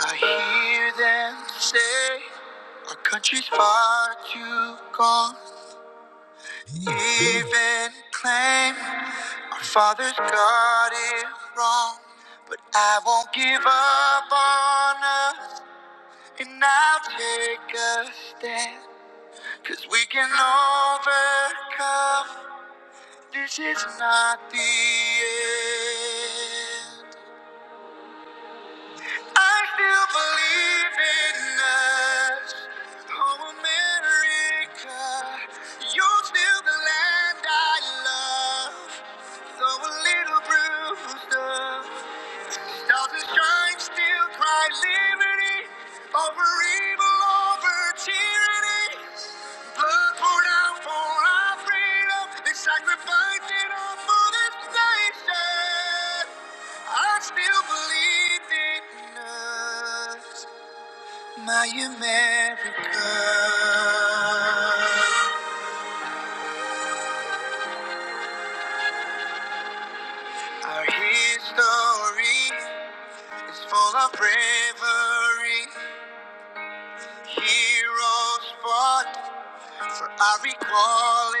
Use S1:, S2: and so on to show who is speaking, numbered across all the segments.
S1: I hear them say our country's far too gone. Even claim our fathers got it wrong. But I won't give up on us, and I'll take a stand. Cause we can overcome. This is not the end. I still believe in us. Oh, America, you're still the land I love. Though a little bruised up, stars and shine still cry liberty over evil, over tyranny. Blood poured out for our freedom. They sacrificed it all for this nation. I still believe in us, my America. Our history is full of bravery. Heroes fought for our equality.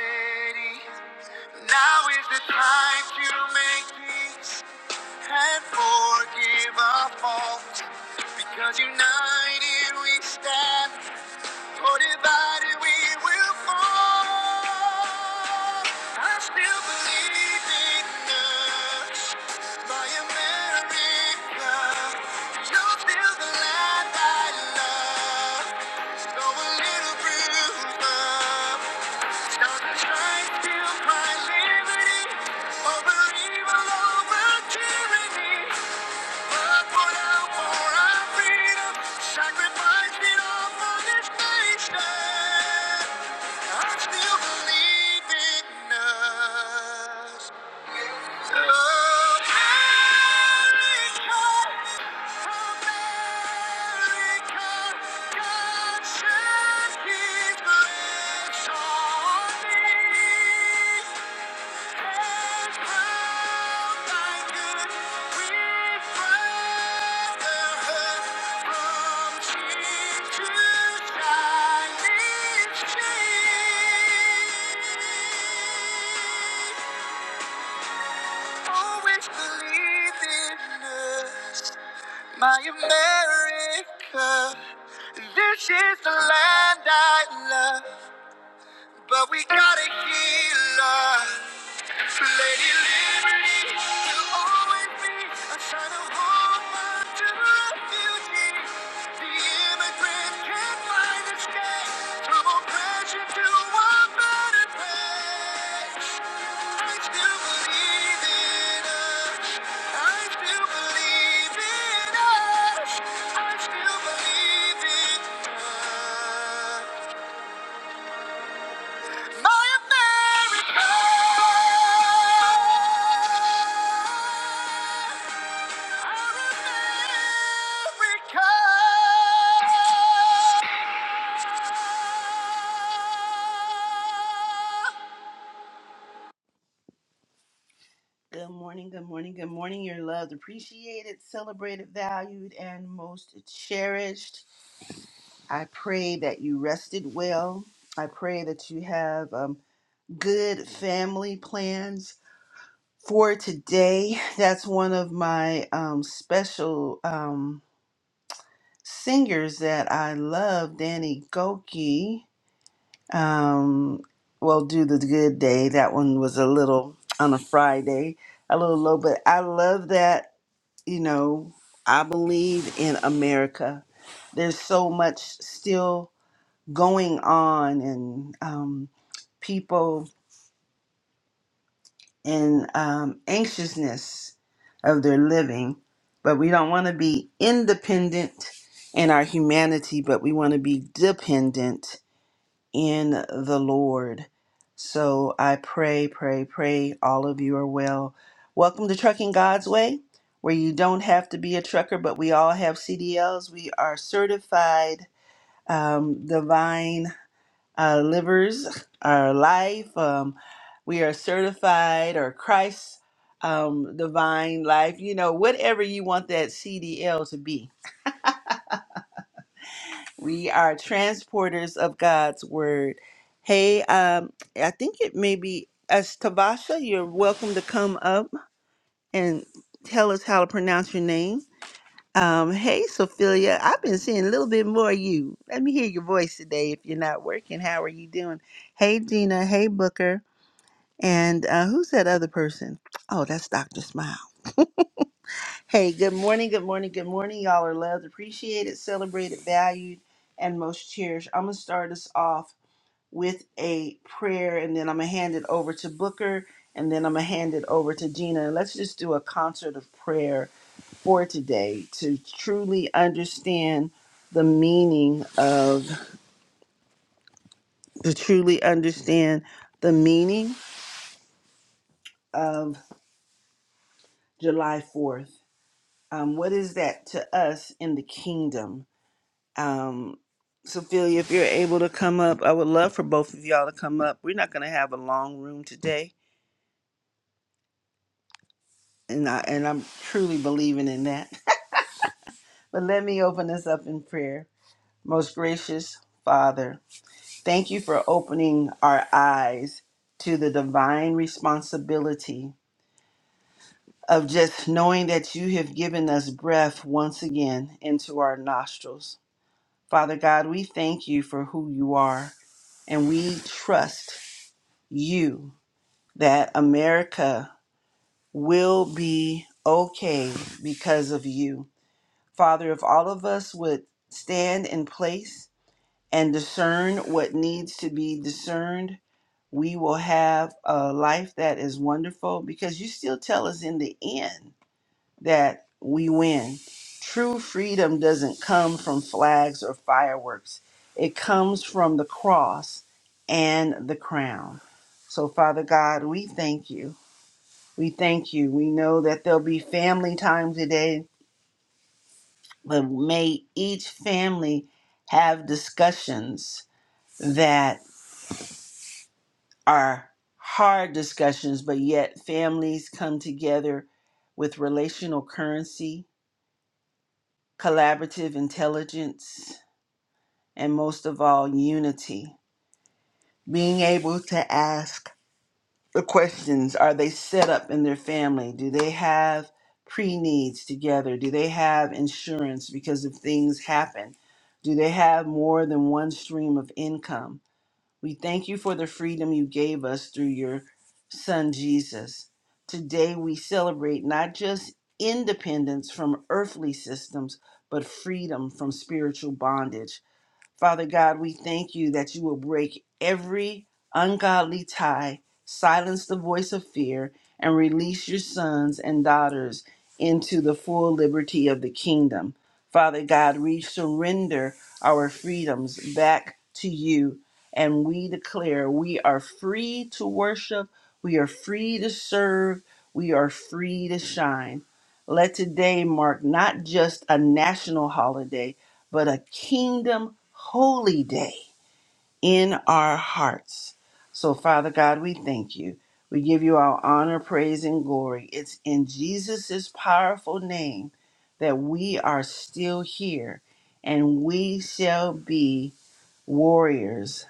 S1: Now is the time to make peace. and forgive our faults because united we stand or divided we will fall I still believe in us my America you're still the land I love though a little bruised up stars that shine still my liberty over evil over tyranny Thank me. Always believe in us, My America, this is the land I love, but we got to heal us. Lady Liberty, will always be a sign of woman to refugee. The immigrant can't find escape from oppression to a better place. I still believe in us. I still believe in us. I still believe in us. Good morning, good morning, good morning. You're loved, appreciated, celebrated, valued, and most cherished. I pray that you rested well. I pray that you have um, good family plans. for today. That's one of my um, special um, singers that I love, Danny Goki. Um, well, do the good day. That one was a little on a Friday, a little low, but I love that. You know, I believe in America. There's so much still going on, and um, people. and um, anxiousness of their living, but we don't want to be independent in our humanity, but we want to be dependent in the Lord. So I pray, pray, pray all of you are well. Welcome to Trucking God's Way, where you don't have to be a trucker, but we all have CDLs. We are certified um, divine our livers, our life. Um, we are certified or Christ um, divine life, you know, whatever you want that CDL to be. We are transporters of God's word. Hey, um, I think it may be as Tavasha, you're welcome to come up and tell us how to pronounce your name. Um, hey, Sophia, I've been seeing a little bit more of you. Let me hear your voice today if you're not working. How are you doing? Hey, Gina. Hey, Booker. And uh, who's that other person? Oh, that's Dr. Smile. Hey, good morning, good morning, good morning. Y'all are loved, appreciated, celebrated, valued, and most cherished. I'm going to start us off with a prayer, and then I'm going to hand it over to Booker, and then I'm going to hand it over to Gina. And let's just do a concert of prayer for today to truly understand the meaning of, to truly understand the meaning of July 4th um, what is that to us in the kingdom? Um, Sophia, if you're able to come up, I would love for both of y'all to come up. We're not going to have a long room today, and I and I'm truly believing in that. but let me open this up in prayer. Most gracious Father, thank you for opening our eyes to the divine responsibility of just knowing that you have given us breath once again into our nostrils. Father God, we thank you for who you are, and we trust you that America will be okay because of you. Father, if all of us would stand in place and discern what needs to be discerned, we will have a life that is wonderful because you still tell us in the end that we win. True freedom doesn't come from flags or fireworks, it comes from the cross and the crown. So, Father God, we thank you. We thank you. We know that there'll be family time today, but may each family have discussions that are hard discussions, but yet families come together with relational currency, collaborative intelligence, and most of all, unity. Being able to ask the questions are they set up in their family? Do they have pre needs together? Do they have insurance because if things happen? Do they have more than one stream of income? We thank you for the freedom you gave us through your son Jesus. Today we celebrate not just independence from earthly systems, but freedom from spiritual bondage. Father God, we thank you that you will break every ungodly tie, silence the voice of fear, and release your sons and daughters into the full liberty of the kingdom. Father God, we surrender our freedoms back to you, and we declare we are free to worship, we are free to serve, we are free to shine. Let today mark not just a national holiday but a kingdom holy day in our hearts. So, Father God, we thank you. We give you our honor, praise, and glory. It's in Jesus' powerful name that we are still here and we shall be warriors,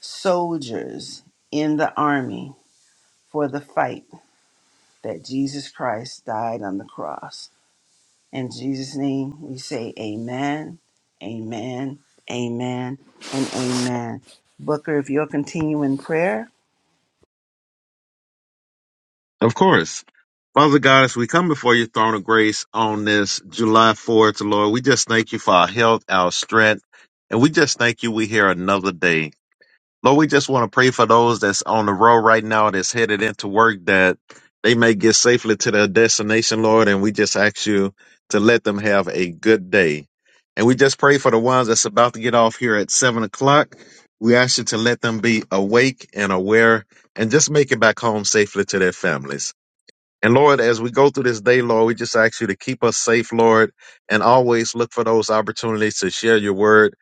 S1: soldiers in the army for the fight that Jesus Christ died on the cross. In Jesus' name, we say amen, amen, amen, and amen. Booker, if you'll continue in prayer.
S2: Of course. Father God, as we come before your throne of grace on this July 4th, Lord, we just thank you for our health, our strength, and we just thank you we hear another day. Lord, we just want to pray for those that's on the road right now that's headed into work that they may get safely to their destination, Lord, and we just ask you to let them have a good day. And we just pray for the ones that's about to get off here at seven o'clock. We ask you to let them be awake and aware and just make it back home safely to their families. And Lord, as we go through this day, Lord, we just ask you to keep us safe, Lord, and always look for those opportunities to share your word.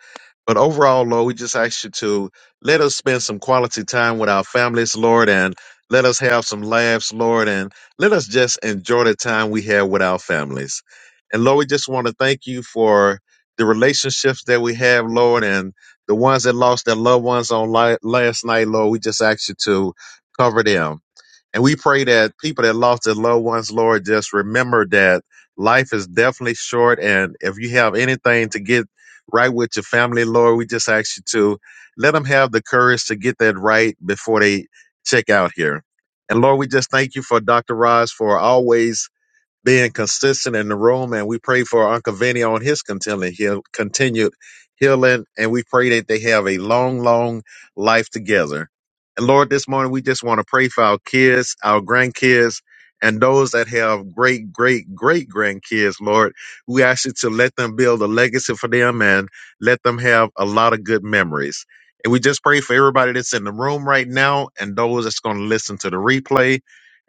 S2: But overall, Lord, we just ask you to let us spend some quality time with our families, Lord, and let us have some laughs, Lord, and let us just enjoy the time we have with our families. And Lord, we just want to thank you for the relationships that we have, Lord, and the ones that lost their loved ones on li- last night, Lord. We just ask you to cover them. And we pray that people that lost their loved ones, Lord, just remember that life is definitely short. And if you have anything to get right with your family, Lord, we just ask you to let them have the courage to get that right before they check out here. And Lord, we just thank you for Dr. Roz for always being consistent in the room. And we pray for Uncle Vinny on his continued, heal, continued healing. And we pray that they have a long, long life together. And Lord, this morning we just want to pray for our kids, our grandkids, and those that have great, great, great grandkids, Lord. We ask you to let them build a legacy for them and let them have a lot of good memories. And we just pray for everybody that's in the room right now and those that's going to listen to the replay.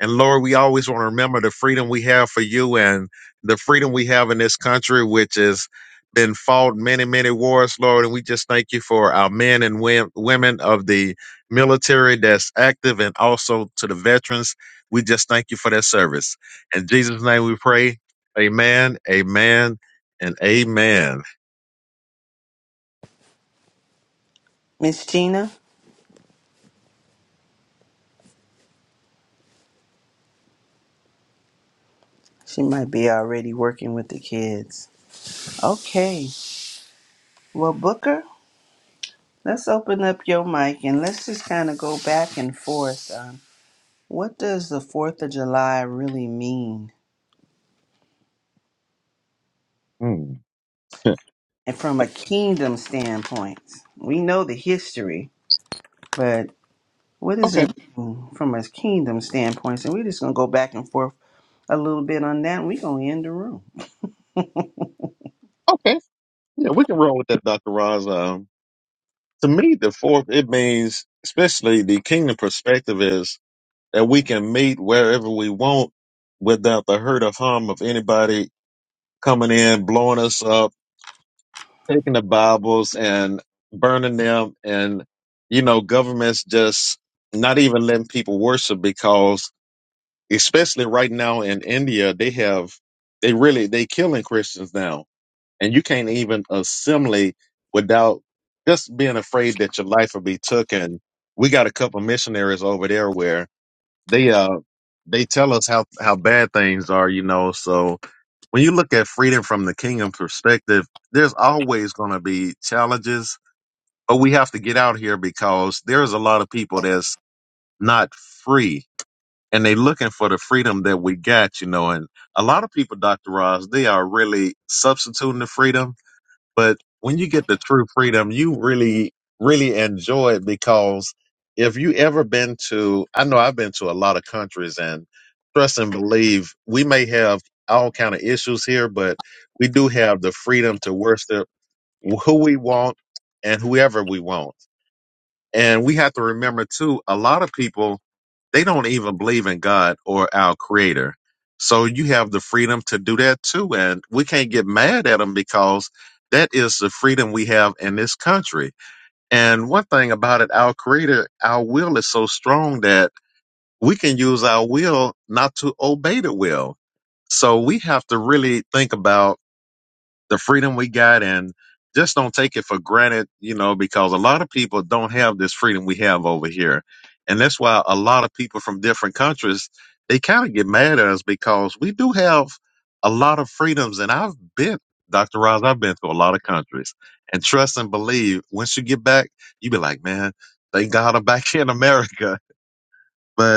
S2: And Lord, we always want to remember the freedom we have for you and the freedom we have in this country, which has been fought many, many wars, Lord. And we just thank you for our men and wo- women of the military that's active and also to the veterans. We just thank you for their service. In Jesus' name we pray. Amen, amen, and amen.
S1: Miss Gina, she might be already working with the kids. Okay, well, Booker, let's open up your mic and let's just kind of go back and forth. Um, what does the 4th of July really mean?
S2: Hmm.
S1: And from a kingdom standpoint, we know the history, but what does
S2: Okay,
S1: it mean from a kingdom standpoint? And we're just going to go back and forth a little bit on that, and we gonna end the room.
S2: okay. Yeah, we can roll with that, Dr. Roz. Um, to me, the fourth, it means, especially the kingdom perspective is that we can meet wherever we want without the hurt or harm of anybody coming in, blowing us up, taking the Bibles and burning them. And, you know, governments just not even letting people worship because especially right now in India, they have, they really, they killing Christians now. And you can't even assimilate without just being afraid that your life will be taken. we got a couple missionaries over there where they, uh they tell us how how bad things are, you know. So when you look at freedom from the kingdom perspective, there's always going to be challenges, but we have to get out here because there's a lot of people that's not free and they looking for the freedom that we got, you know. And a lot of people, Dr. Ross, they are really substituting the freedom but when you get the true freedom, you really, really enjoy it because if you ever been to, I know I've been to a lot of countries and trust and believe we may have all kind of issues here, but we do have the freedom to worship who we want and whoever we want and we have to remember too, a lot of people, they don't even believe in God or our creator. So you have the freedom to do that too. And we can't get mad at them because that is the freedom we have in this country. And one thing about it, our creator, our will is so strong that we can use our will not to obey the will. So we have to really think about the freedom we got and just don't take it for granted, you know, because a lot of people don't have this freedom we have over here. And that's why a lot of people from different countries, they kind of get mad at us because we do have a lot of freedoms. And I've been, Dr. Roz, I've been to a lot of countries. And trust and believe, once you get back, you be like, man, thank God I'm back in America. But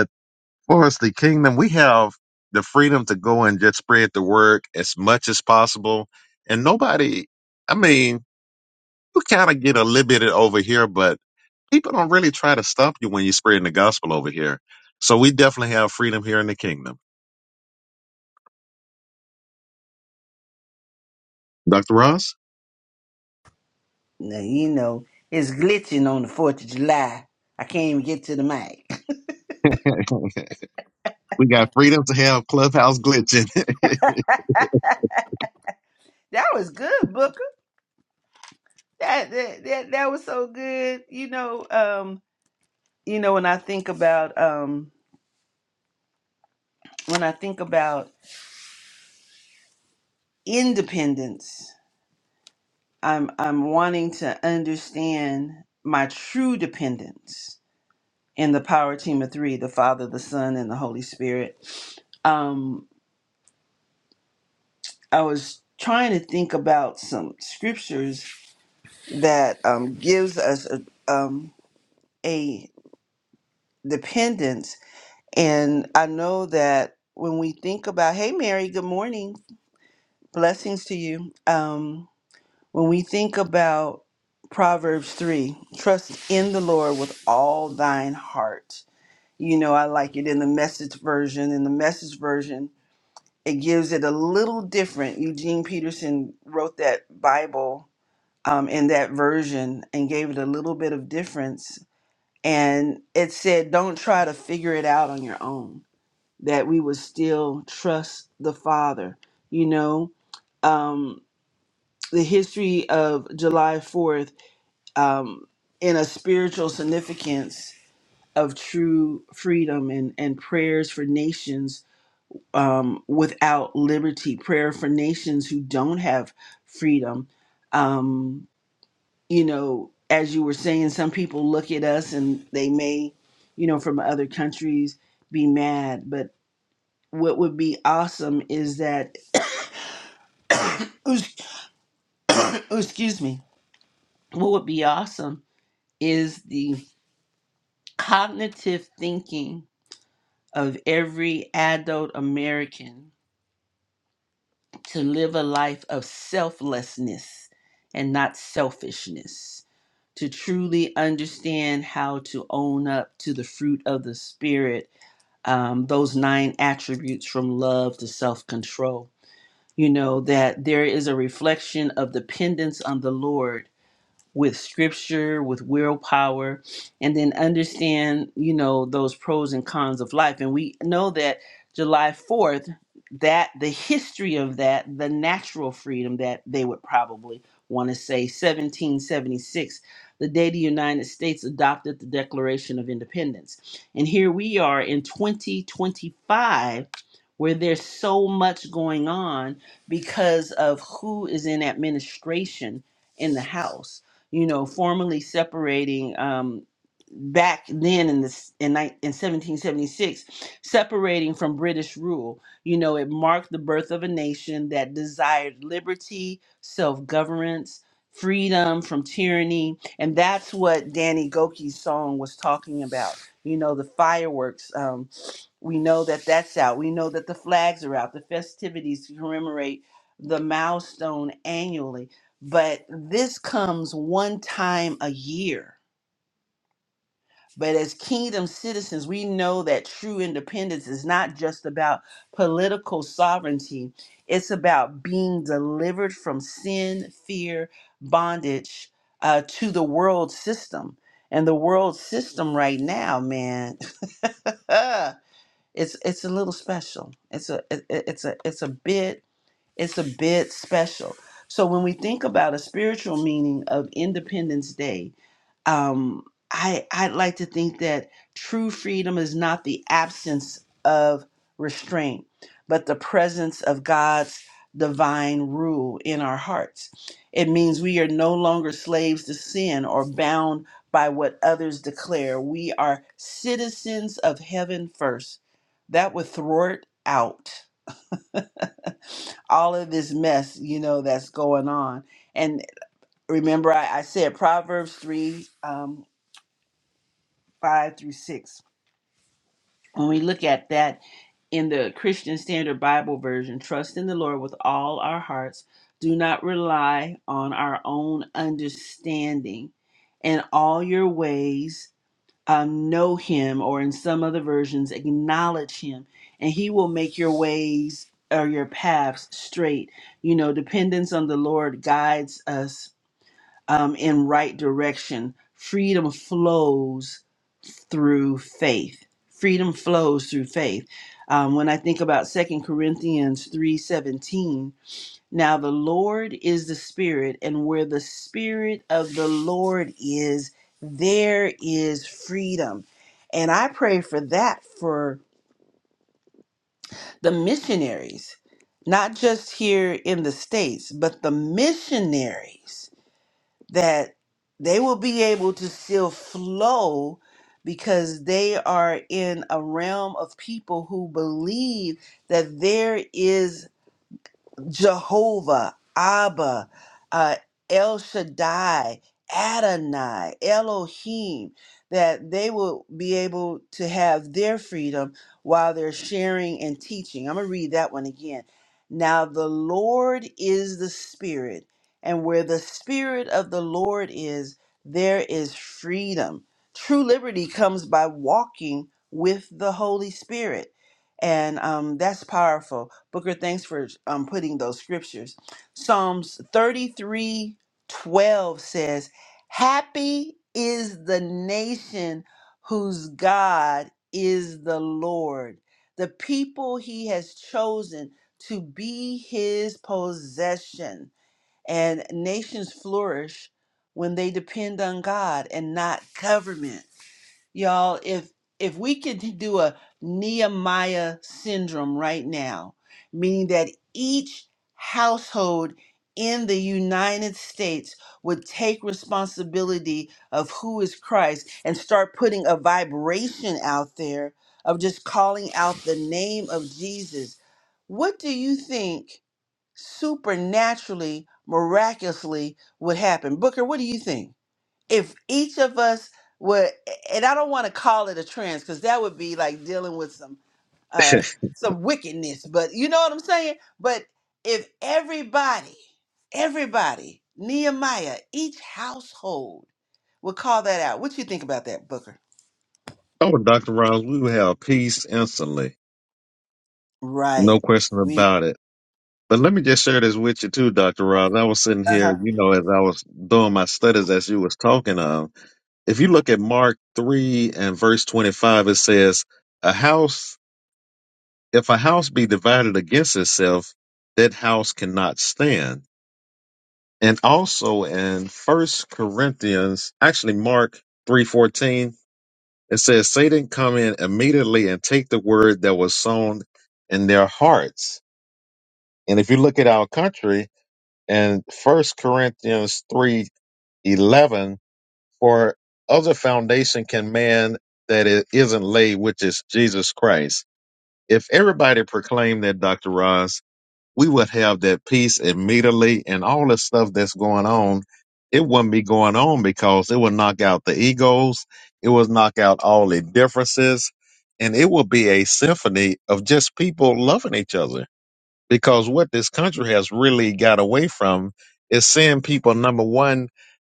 S2: for us, the kingdom, we have the freedom to go and just spread the word as much as possible. And nobody, I mean, you kind of get a little bit over here, but people don't really try to stop you when you're spreading the gospel over here. So we definitely have freedom here in the kingdom. Dr. Ross?
S1: Now, you know, it's glitching on the Fourth of July. I can't even get to the mic.
S2: we got freedom to have clubhouse glitching.
S1: That was good, Booker. That that that, that was so good. You know, um, you know, when I think about um, when I think about independence, I'm I'm wanting to understand my true dependence in the power team of three, the Father, the Son, and the Holy Spirit. Um, I was trying to think about some scriptures that um, gives us a, um, a dependence. And I know that when we think about, hey, Mary, good morning, blessings to you. Um, when we think about Proverbs 3, trust in the Lord with all thine heart. You know, I like it in the message version. In the message version, it gives it a little different. Eugene Peterson wrote that Bible um, in that version and gave it a little bit of difference and it said don't try to figure it out on your own that we would still trust the father you know um the history of july 4th um in a spiritual significance of true freedom and and prayers for nations um without liberty prayer for nations who don't have freedom Um, you know, as you were saying, some people look at us and they may, you know, from other countries be mad. But what would be awesome is that, excuse me, what would be awesome is the cognitive thinking of every adult American to live a life of selflessness and not selfishness, to truly understand how to own up to the fruit of the Spirit um, those nine attributes from love to self control. You know, that there is a reflection of dependence on the Lord with scripture, with willpower, and then understand, you know, those pros and cons of life. And we know that July 4th, that the history of that, the natural freedom that they would probably want to say, 1776, the day the United States adopted the Declaration of Independence. And here we are in 2025, where there's so much going on because of who is in administration in the House you know, formally separating um, back then in this in, ni- in 1776 separating from british rule you know it marked the birth of a nation that desired liberty self-governance freedom from tyranny and that's what danny goki's song was talking about you know the fireworks Um, we know that that's out. We know that the flags are out, the festivities to commemorate the milestone annually. But this comes one time a year. But as kingdom citizens, we know that true independence is not just about political sovereignty, it's about being delivered from sin, fear, bondage uh, to the world system. And the world system right now, man. it's it's a little special. It's a it, it- it's a it's a bit it's a bit special. So when we think about a spiritual meaning of Independence Day, um, I I'd like to think that true freedom is not the absence of restraint, but the presence of God's divine rule in our hearts. It means we are no longer slaves to sin or bound by what others declare. We are citizens of heaven first. That would thwart out all of this mess, you know, that's going on. And remember, I, I said Proverbs 3 um, 5 through 6. When we look at that in the Christian Standard Bible Version, trust in the Lord with all our hearts. Do not rely on our own understanding. In all your ways, um, know Him, or in some other versions, acknowledge Him, and He will make your ways or your paths straight. You know, dependence on the Lord guides us um, in right direction. Freedom flows through faith. Freedom flows through faith. Um, when I think about Second Corinthians 3:17, now the Lord is the Spirit, and where the Spirit of the Lord is, there is freedom. And I pray for that for the missionaries, not just here in the States, but the missionaries that they will be able to still flow because they are in a realm of people who believe that there is Jehovah, Abba, uh, El Shaddai, Adonai, Elohim, that they will be able to have their freedom while they're sharing and teaching. I'm going to read that one again. Now, the Lord is the Spirit, and where the Spirit of the Lord is, there is freedom. True liberty comes by walking with the Holy Spirit. And um, that's powerful. Booker, thanks for um, putting those scriptures. Psalms 33 12 says, Happy is the nation whose God is the Lord, the people he has chosen to be his possession. And nations flourish when they depend on God and not government. Y'all, if if we could do a Nehemiah syndrome right now, meaning that each household in the United States would take responsibility of who is Christ and start putting a vibration out there of just calling out the name of Jesus. What do you think supernaturally, miraculously would happen? Booker, what do you think? if each of us were and i don't want to call it a trans because that would be like dealing with some uh some wickedness but you know what i'm saying but if everybody everybody nehemiah each household would call that out what you think about that booker
S2: oh, Dr. Ross, we will have peace instantly. No
S1: right
S2: question
S1: we
S2: about it. But let me just share this with you too, Dr. Ross. I was sitting here,
S1: uh-huh.
S2: you know, as I was doing my studies as you was talking of. If you look at Mark 3 and verse 25, it says, A house, if a house be divided against itself, that house cannot stand. And also in First Corinthians, actually Mark 3:14, it says, Satan come in immediately and take the word that was sown in their hearts. And if you look at our country, and first corinthians three eleven. for other foundation can man that it isn't laid which is jesus christ if everybody proclaimed that dr ross we would have that peace immediately and all the stuff that's going on it wouldn't be going on because it would knock out the egos it would knock out all the differences and it would be a symphony of just people loving each other because what this country has really got away from is seeing people number one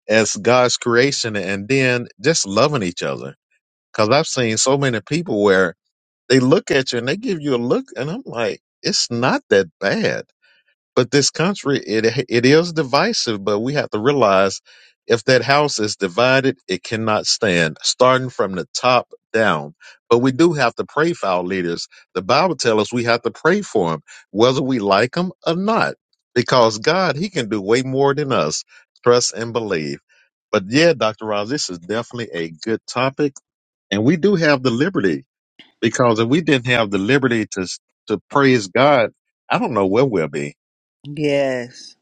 S2: as God's creation and then just loving each other. Because I've seen so many people where they look at you and they give you a look, and I'm like, it's not that bad but this country it it is divisive but we have to realize if that house is divided it cannot stand starting from the top down but we do have to pray for our leaders the bible tells us we have to pray for them whether we like them or not because god he can do way more than us trust and believe but yeah dr ross this is definitely a good topic and we do have the liberty because if we didn't have the liberty to to praise god i don't know where we'll be
S1: yes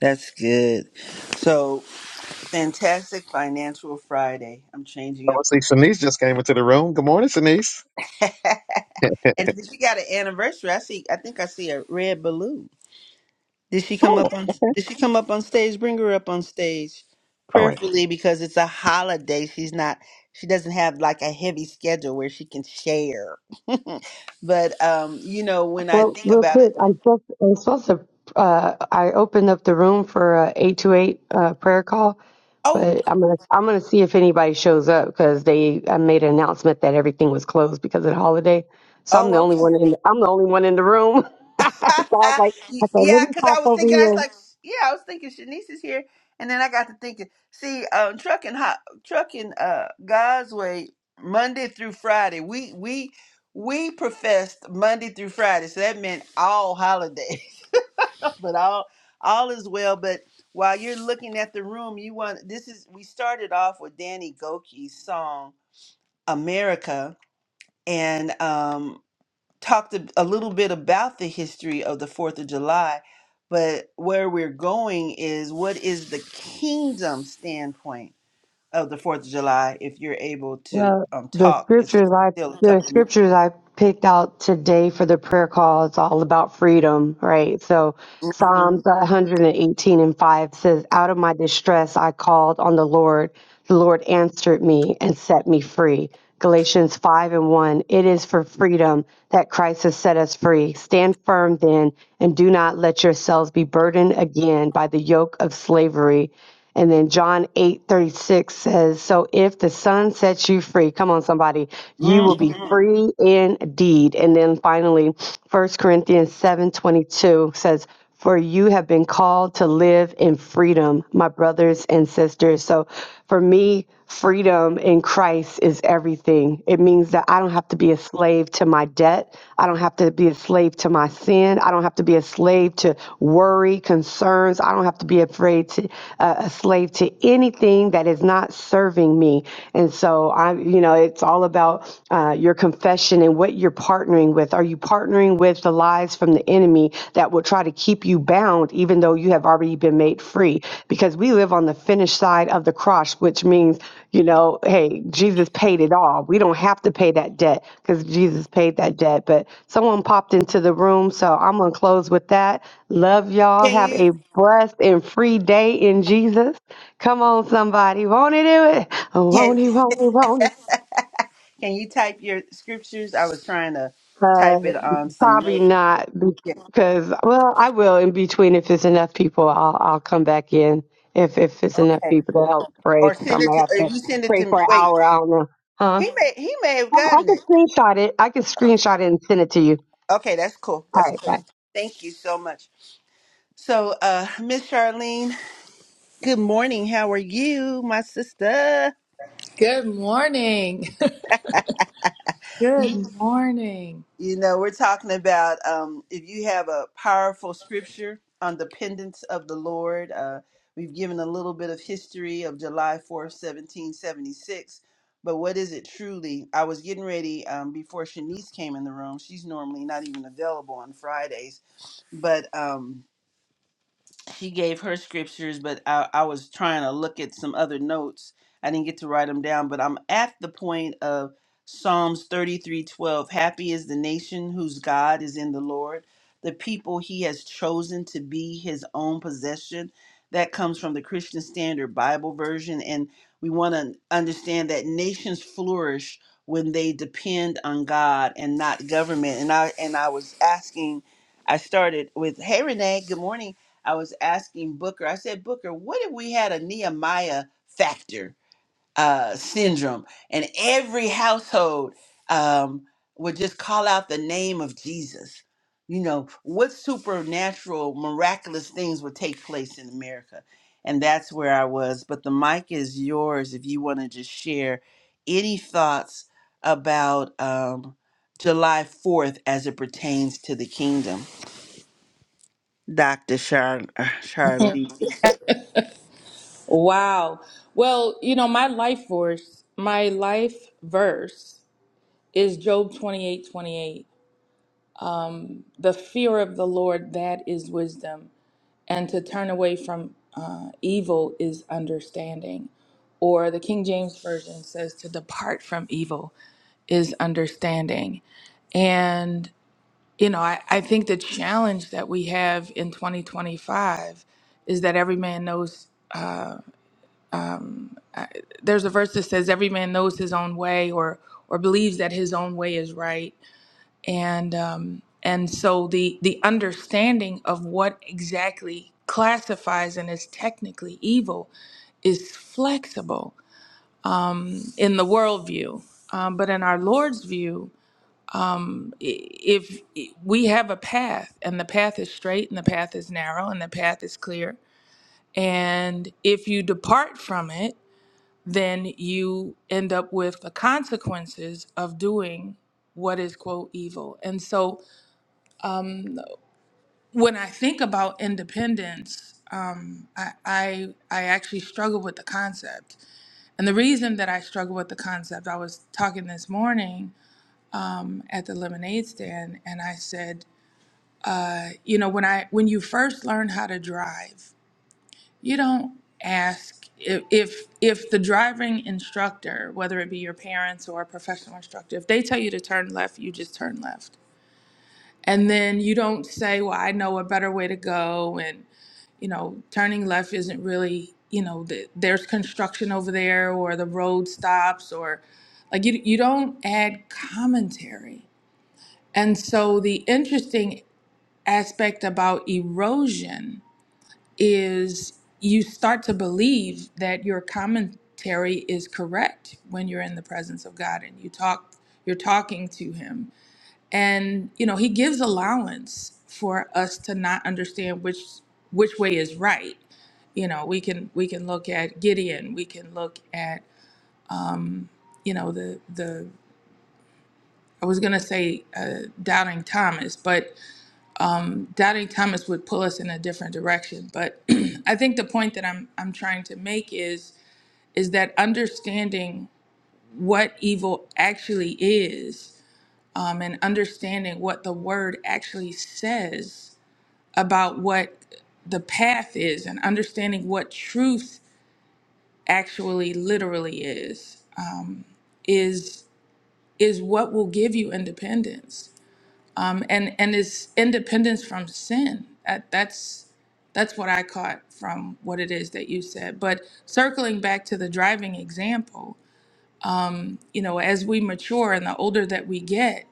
S1: that's good so fantastic financial friday i'm
S2: I
S1: changing up
S2: would say Shanice just came into the room. Good morning, Shanice.
S1: and if you got an anniversary i see i think i see a red balloon Did she come
S2: Oh,
S1: up on
S2: okay.
S1: did she come up on stage? Bring her up on stage
S2: All right.
S1: prayerfully because it's a holiday. She's not she doesn't have like a heavy schedule where she can share. but um, you know, when I
S3: Well,
S1: think
S3: real
S1: about it,
S3: quick, I'm supposed to, I'm supposed to. Uh, I opened up the room for a eight to eight uh, prayer call,
S1: oh,
S3: but I'm gonna I'm gonna see if anybody shows up because they I made an announcement that everything was closed because of the holiday. So I'm the
S1: oh,
S3: only
S1: okay.
S3: one in I'm the only one in the room. so I was like,
S1: Y-
S3: I said, let
S1: yeah,
S3: me
S1: because I
S3: cough
S1: was
S3: over
S1: thinking, I was
S3: here
S1: like, yeah, I was thinking Shanice is here, and then I got to thinking, see, um, trucking hot, trucking, uh, God's way, Monday through Friday, we we we professed Monday through Friday, so that meant all holidays, but all all is well. But while you're looking at the room, you want this is we started off with Danny Goki's song America, and um talked a, a little bit about the history of the Fourth of July, but where we're going is what is the kingdom standpoint of the Fourth of July? If you're able to
S3: Well,
S1: um,
S3: the
S1: talk, it's
S3: scriptures I
S1: still a
S3: the
S1: couple of minutes.
S3: scriptures I picked out today for the prayer call is all about freedom, right? So
S1: Mhm.
S3: Psalms 118 and 5 says, Out of my distress I called on the Lord. The Lord answered me and set me free. Galatians 5 and 1, it is for freedom that Christ has set us free. Stand firm then and do not let yourselves be burdened again by the yoke of slavery. And then John 8 36 says, So if the Son sets you free, come on, somebody, you will be
S1: Mhm.
S3: free indeed. And then finally, First Corinthians 7 22 says, For you have been called to live in freedom, my brothers and sisters. So for me, Freedom in Christ is everything. It means that I don't have to be a slave to my debt. I don't have to be a slave to my sin. I don't have to be a slave to worry, concerns. I don't have to be afraid to uh, a slave to anything that is not serving me. And so I, you know, it's all about uh, your confession and what you're partnering with. Are you partnering? partnering with the lies from the enemy that will try to keep you bound, even though you have already been made free. Because we live on the finished side of the cross, which means, you know, hey, Jesus paid it all. We don't have to pay that debt because Jesus paid that debt. But someone popped into the room, so I'm going to close with that. Love y'all.
S1: Can
S3: Have
S1: you
S3: a blessed and free day in Jesus. Come on, somebody. Won't he do it?
S1: can
S3: Won't he, won't he, won't he?
S1: can you type your scriptures? I was trying to
S3: Uh,
S1: type it on some
S3: probably
S1: notes.
S3: not
S1: Yeah.
S3: because well, I will in between if it's enough people. I'll I'll come back in if if it's enough
S1: Okay.
S3: people to help pray
S1: Or
S3: because I
S1: send it
S3: might
S1: to.
S3: have
S1: Or
S3: to
S1: you send it
S3: pray
S1: to.
S3: for an
S1: Wait.
S3: hour. I don't know, huh?
S1: He may. He may have
S3: Oh, I
S1: gotten
S3: can
S1: it.
S3: screenshot it. I can screenshot it and send it to you.
S1: Okay. That's cool.
S3: All
S1: That's
S3: right,
S1: cool.
S3: bye.
S1: Thank you so much. So, uh, Miss Charlene, good morning. How are you, my sister?
S4: Good morning. Good
S1: You,
S4: morning.
S1: you know, we're talking about um, if you have a powerful scripture on dependence of the Lord. Uh, we've given a little bit of history of July 4th, 1776. But what is it truly? I was getting ready um, before Shanice came in the room. She's normally not even available on Fridays. But um, she gave her scriptures, but I, I was trying to look at some other notes. I didn't get to write them down, but I'm at the point of Psalms 33, 12. Happy is the nation whose God is in the Lord, the people he has chosen to be his own possession. That comes from the Christian Standard Bible version. And we want to understand that nations flourish when they depend on God and not government. And I and I was asking, I started with, Hey Renee, good morning I was asking Booker, I said, Booker, what if we had a Nehemiah factor uh, syndrome and every household um, would just call out the name of Jesus? You know, what supernatural, miraculous things would take place in America? And that's where I was. But the mic is yours if you want to just share any thoughts about um, July 4th as it pertains to the kingdom. Dr. Char- Charlene.
S4: Wow. Well, you know, my life verse, my life verse is Job 28 28. The fear of the Lord, that is wisdom. And to turn away from uh, evil is understanding. Or the King James Version says to depart from evil is understanding. You know, I, I think the challenge that we have in 2025 is that every man knows, uh, um, I, there's a verse that says, every man knows his own way or, or believes that his own way is right. And, um, and so the, the understanding of what exactly classifies and is technically evil is flexible in the worldview. Um, but in our Lord's view, if we have a path and the path is straight and the path is narrow and the path is clear and if you depart from it then you end up with the consequences of doing what is quote evil and so when i think about independence um, I, I I actually struggle with the concept, and the reason that I struggle with the concept, I was talking this morning at the lemonade stand, and I said you know when i when you first learn how to drive you don't ask if if, if the driving instructor whether it be your parents or a professional instructor if they tell you to turn left you just turn left and then you don't say well i know a better way to go and you know turning left isn't really you know the, there's construction over there or the road stops or like you, you don't add commentary and so the interesting aspect about erosion is you start to believe that your commentary is correct when you're in the presence of God and you talk you're talking to him and you know he gives allowance for us to not understand which which way is right you know we can we can look at Gideon we can look at you know the the I was going to say uh, doubting Thomas but doubting Thomas would pull us in a different direction but I think the point that I'm I'm trying to make is is that understanding what evil actually is um, and understanding what the word actually says about what the path is and understanding what truth actually literally is is is what will give you independence um, and and is independence from sin that, that's that's what I caught from what it is that you said. But circling back to the driving example, you know, as we mature and the older that we get,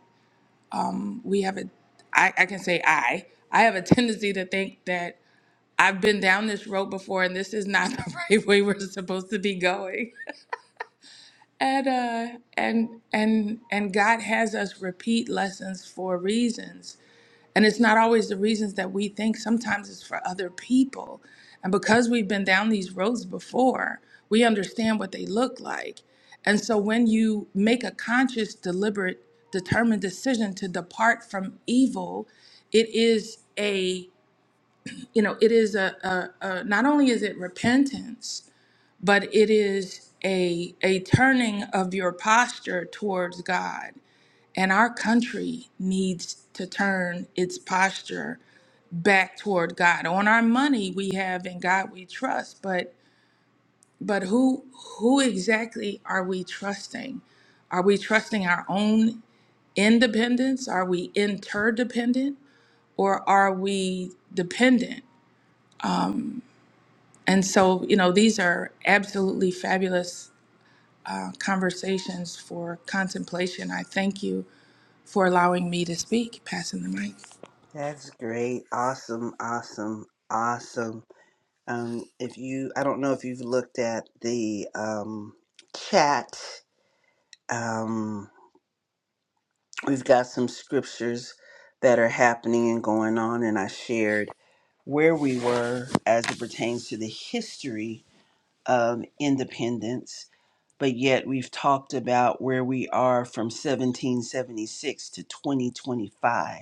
S4: we have a, I, I can say I, I have a tendency to think that I've been down this road before and this is not the right way we're supposed to be going. And, uh, and, and, and God has us repeat lessons for reasons And it's not always the reasons that we think, sometimes it's for other people. And because we've been down these roads before, we understand what they look like. And so when you make a conscious, deliberate, determined decision to depart from evil, it is a, you know, it is a, a, a not only is it repentance, but it is a, a turning of your posture towards God. And our country needs to turn its posture back toward God. On our money we have in God we trust, but but who who exactly are we trusting? Are we trusting our own independence? Are we interdependent or are we dependent? And so, you know, these are absolutely fabulous uh, conversations for contemplation. I thank you for allowing me to speak, passing the mic.
S1: That's great. Awesome, awesome, awesome. Um, if you, I don't know if you've looked at the um, chat, um, we've got some scriptures that are happening and going on, and I shared where we were as it pertains to the history of independence, but yet we've talked about where we are from 1776 to 2025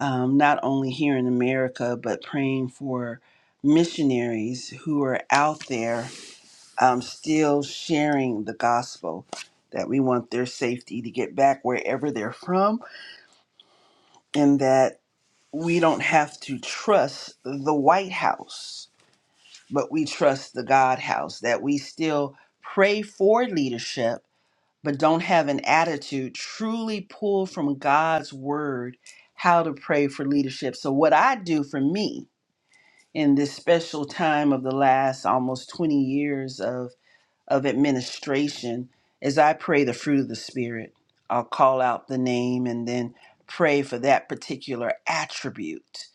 S1: um, not only here in America, but praying for missionaries who are out there um, still sharing the gospel, that we want their safety to get back wherever they're from, and that we don't have to trust the White House, but we trust the God house, that we still pray for leadership. But don't have an attitude truly pulled from God's word how to pray for leadership. So, what I do for me in this special time of the last almost 20 years of of administration, as I pray the fruit of the Spirit, I'll call out the name and then pray for that particular attribute.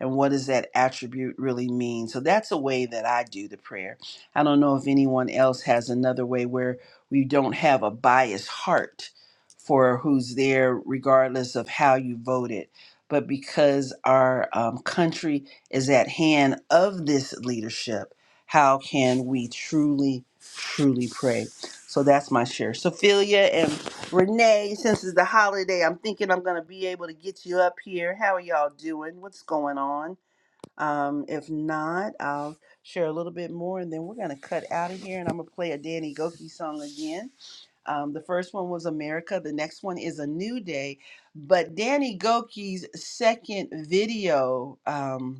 S1: And what does that attribute really mean? So that's a way that I do the prayer. I don't know if anyone else has another way where we don't have a biased heart for who's there, regardless of how you voted. But because our um, country is at hand of this leadership, how can we truly, truly pray? So that's my share. Sophia and Renee, since it's the holiday, I'm thinking I'm going to be able to get you up here. How are y'all doing? What's going on? Um, if not, I'll share a little bit more and then we're going to cut out of here and I'm going to play a Danny Goki song again. Um, the first one was America, the next one is A New Day. But Danny Goki's second video. Um,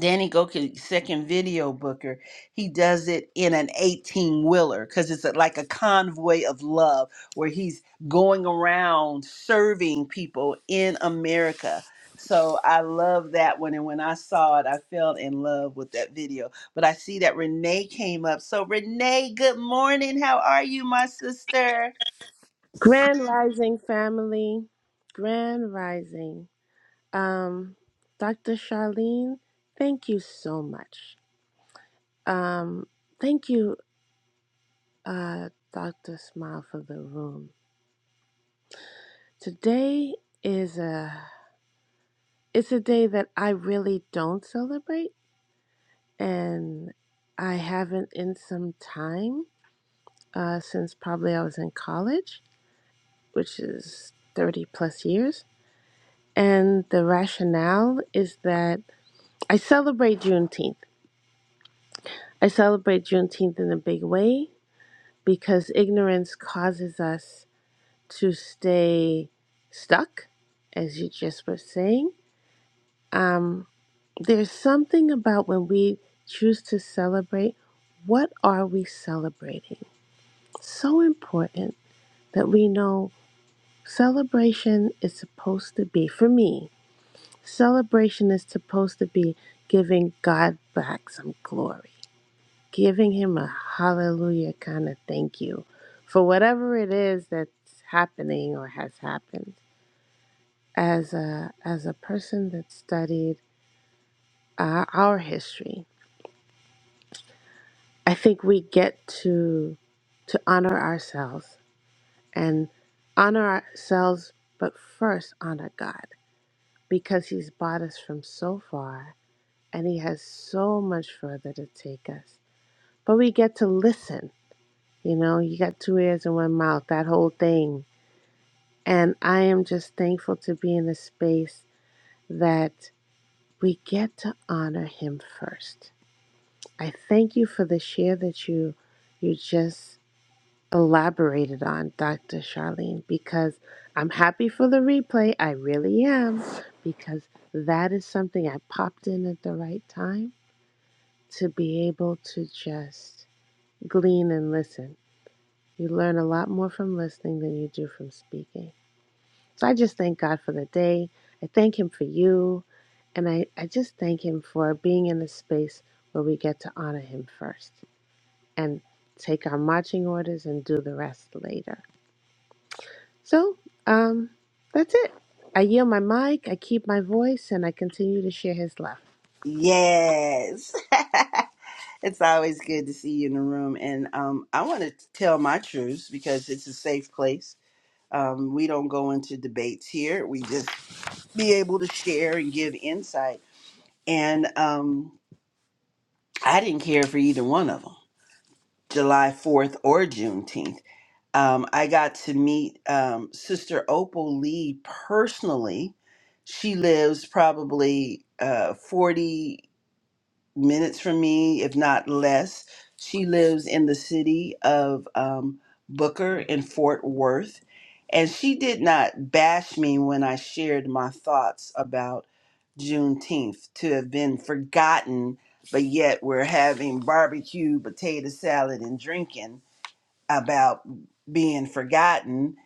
S1: Danny Goki's second video booker, he does it in an 18 wheeler because it's like a convoy of love where he's going around serving people in America. So I love that one. And when I saw it, I fell in love with that video. But I see that Renee came up. So, Renee, good morning. How are you, my sister?
S5: Grand Rising family, Grand Rising. Um, Dr. Charlene, thank you so much. Um, thank you, uh, Dr. Smile for the room. Today is a it's a day that I really don't celebrate, and I haven't in some time uh, since probably I was in college, which is thirty plus years. And the rationale is that. I celebrate Juneteenth. I celebrate Juneteenth in a big way because ignorance causes us to stay stuck, as you just were saying. Um, there's something about when we choose to celebrate, what are we celebrating? So important that we know celebration is supposed to be, for me, celebration is supposed to be giving God back some glory giving him a hallelujah kind of thank you for whatever it is that's happening or has happened. As a as a person that studied uh, our history, I think we get to to honor ourselves and honor ourselves, but first honor God because He's brought us from so far and He has so much further to take us. But we get to listen. You know, you got two ears and one mouth. That whole thing And I am just thankful to be in a space that we get to honor him first. I thank you for the share that you you just elaborated on, Dr. Charlene, because I'm happy for the replay. I really am, because that is something I popped in at the right time to be able to just glean and listen. You learn a lot more from listening than you do from speaking. So I just thank God for the day. I thank Him for you. And I, I just thank Him for being in a space where we get to honor Him first and take our marching orders and do the rest later. So um, that's it. I yield my mic, I keep my voice, and I continue to share His love.
S1: Yes. it's always good to see you in the room. And um, I want to tell my truths because it's a safe place. Um, we don't go into debates here. We just be able to share and give insight. And um, I didn't care for either one of them, July 4th or Juneteenth. Um, I got to meet um, Sister Opal Lee personally. She lives probably uh, 40. minutes from me, if not less. She lives in the city of um, Booker in Fort Worth. And she did not bash me when I shared my thoughts about Juneteenth to have been forgotten, but yet we're having barbecue, potato salad, and drinking about being forgotten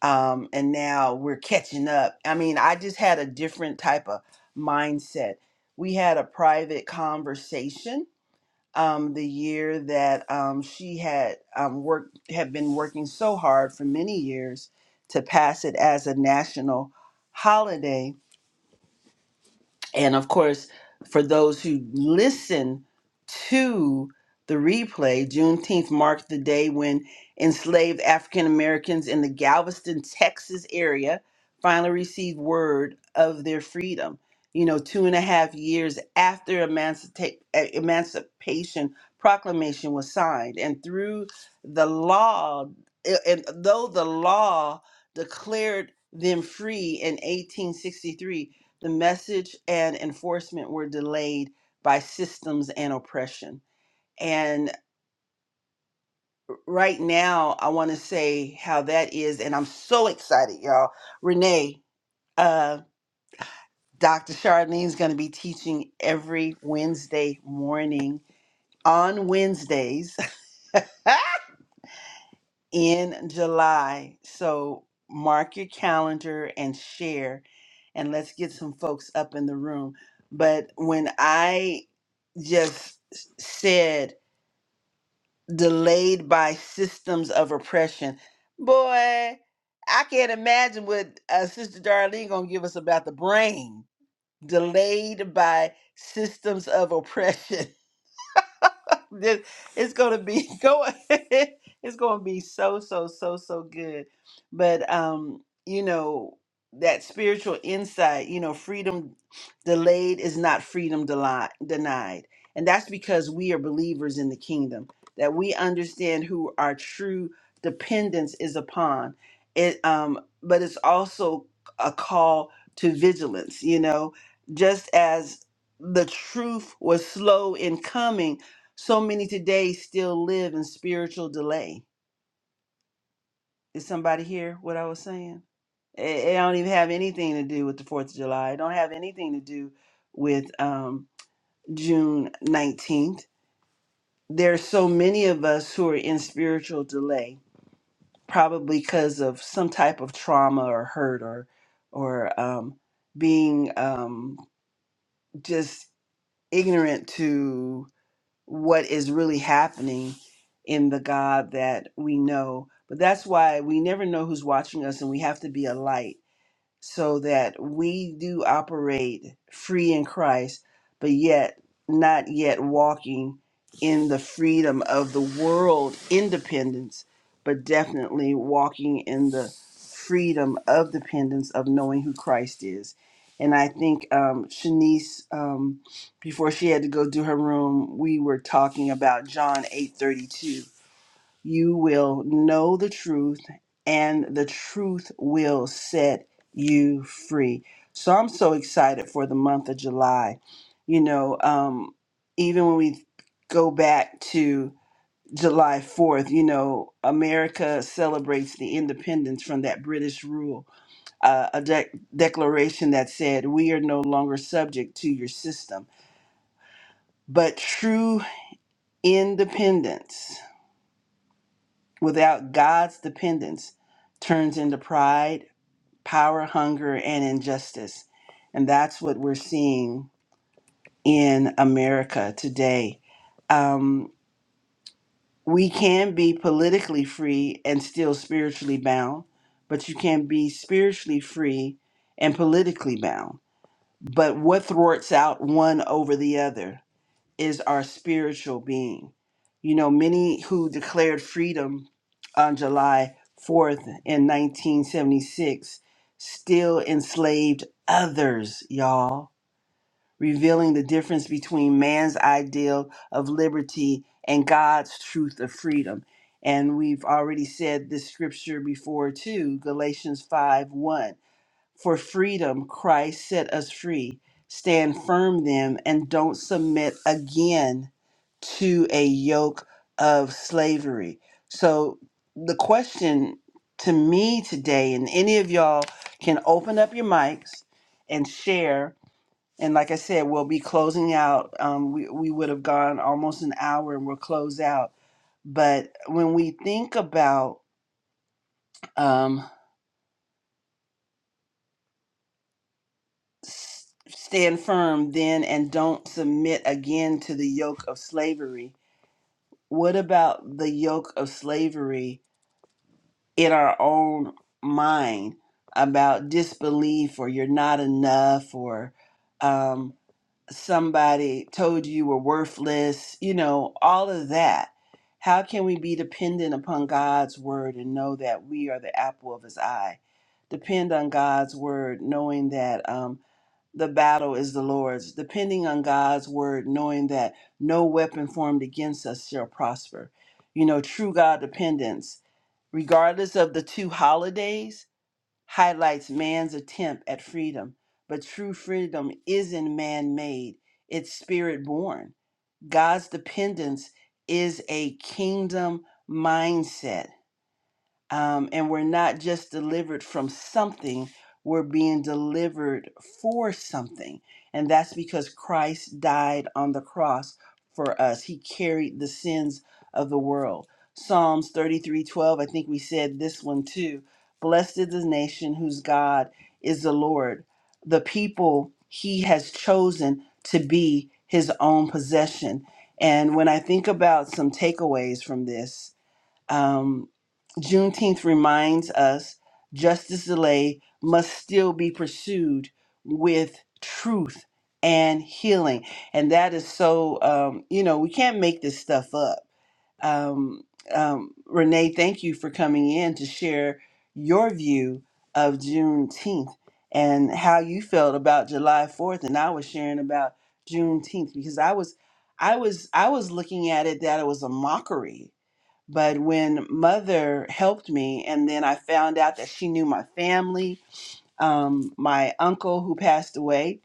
S1: um, and now we're catching up. I mean, I just had a different type of mindset. We had a private conversation um, the year that um, she had um, worked, had been working so hard for many years to pass it as a national holiday and of course, for those who listen to the replay, Juneteenth marked the day when enslaved African Americans in the Galveston, Texas area finally received word of their freedom. You know, two and a half years after emancipa- eh, Emancipation Proclamation was signed. And through the law, eh, and though the law declared them free in 1863, the message and enforcement were delayed by systems and oppression. And right now, I want to say how that is. And I'm so excited, y'all. Renee, uh, Dr. Charlene's going to be teaching every Wednesday morning on Wednesdays in July. So mark your calendar and share, and let's get some folks up in the room. But when I just said delayed by systems of oppression. Boy, I can't imagine what uh, Sister Darlene gonna give us about the brain. Delayed by systems of oppression. This- it's gonna be go. it's gonna be so so so so good. But um, you know that spiritual insight. You know, freedom delayed is not freedom deli- denied, and that's because we are believers in the kingdom. That we understand who our true dependence is upon. It um, but it's also a call to vigilance. You know, just as the truth was slow in coming so many today still live in spiritual delay. Did somebody hear what I was saying? It, it don't even have anything to do with the Fourth of July. It don't have anything to do with um, June nineteenth. There are so many of us who are in spiritual delay, probably because of some type of trauma or hurt or or um, being um, just ignorant to what is really happening in the God that we know. But that's why we never know who's watching us, and we have to be a light so that we do operate free in Christ, but yet not yet walking in the freedom of the world independence, but definitely walking in the freedom of dependence of knowing who Christ is. And I think um, Shanice, um, before she had to go do her room, we were talking about John eight thirty two you will know the truth, and the truth will set you free. So I'm so excited for the month of July. You know, um, even when we go back to July 4th, you know, America celebrates the independence from that British rule, uh, a dec declaration that said, We are no longer subject to your system. But true independence without God's dependence turns into pride, power, hunger, and injustice. And that's what we're seeing in America today. Um, we can be politically free and still spiritually bound, but you can be spiritually free and politically bound. But what thwarts out one over the other? is our spiritual being. You know, many who declared freedom on July 4th in 1976 still enslaved others, y'all, revealing the difference between man's ideal of liberty and God's truth of freedom. And we've already said this scripture before too, Galatians five one. For freedom, Christ set us free. Stand firm then and don't submit again to a yoke of slavery. So, the question to me today, and any of y'all can open up your mics and share. And like I said, we'll be closing out. Um, we, we would have gone almost an hour and we'll close out. But when we think about um. S- Stand firm then and don't submit again to the yoke of slavery. What about the yoke of slavery in our own mind about disbelief or you're not enough or um, somebody told you you were worthless, you know, all of that? How can we be dependent upon God's word and know that we are the apple of his eye? Depend on God's word, knowing that. Um, the battle is the Lord's, depending on God's word, knowing that no weapon formed against us shall prosper. You know, true God dependence, regardless of the two holidays, highlights man's attempt at freedom. But true freedom isn't man made, it's spirit born. God's dependence is a kingdom mindset um, and we're not just delivered from something we're being delivered for something and that's because christ died on the cross for us he carried the sins of the world psalms 33 12. i think we said this one too blessed is the nation whose god is the lord the people he has chosen to be his own possession and when i think about some takeaways from this um, Juneteenth reminds us justice delay must still be pursued with truth and healing. And that is so, um, you know, we can't make this stuff up. Um, um, Renee, thank you for coming in to share your view of Juneteenth and how you felt about July 4th. And I was sharing about Juneteenth because I was. I was I was looking at it that it was a mockery but when mother helped me, and then I found out that she knew my family, um, my uncle who passed away,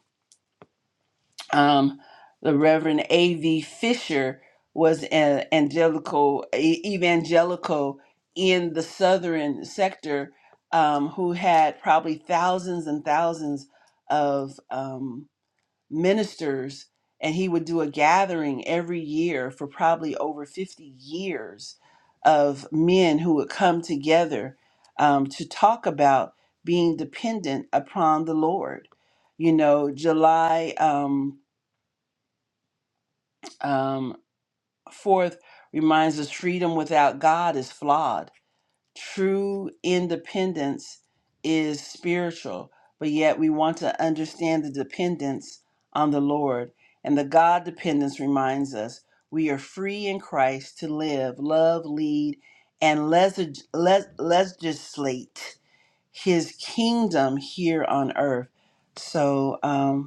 S1: um, the Reverend A.V. Fisher was an angelical, e- evangelical in the southern sector um, who had probably thousands and thousands of. Um, ministers and he would do a gathering every year for probably over 50 years of men who would come together um, to talk about being dependent upon the Lord. You know, July um, um, 4th reminds us freedom without God is flawed true independence is spiritual, but yet we want to understand the dependence on the Lord. And the God dependence reminds us we are free in Christ to live, love, lead, and legis- le- legislate his kingdom here on earth. So, um,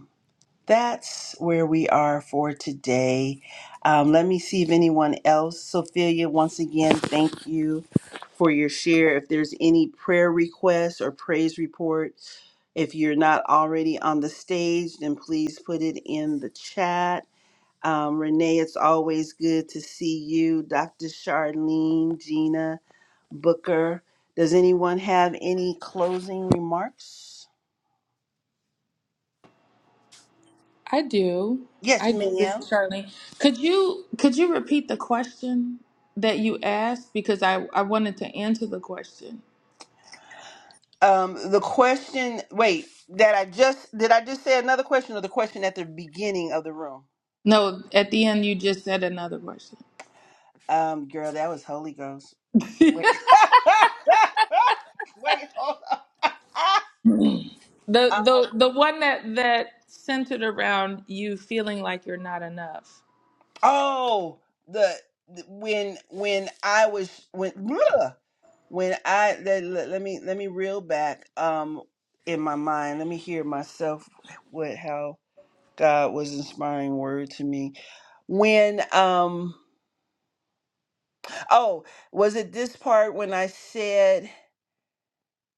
S1: that's where we are for today. Um, let me see if anyone else, Sophia, once again, thank you for your share. If there's any prayer requests or praise reports, if you're not already on the stage, then please put it in the chat. Um, Renee, it's always good to see you. Dr. Charlene, Gina, Booker. Does anyone have any closing remarks?
S4: I do.
S1: Yes,
S4: I do. This
S1: ma'am.
S4: is Charlene. Could you could you repeat the question that you asked because I I wanted to answer the question.
S1: Um, the question. Wait, that I just did. I just say another question, or the question at the beginning of the room.
S4: No, at the end you just said another question.
S1: Um, girl, that was Holy Ghost. Wait, wait, hold on.
S4: The
S1: Uh,
S4: the the one that that centered around you feeling like you're not enough.
S1: oh, the the- when when I was when bleh, when I let, let, let me let me reel back. Um, in my mind, let me hear myself. What how God was inspiring word to me when um. Oh, was it this part when I said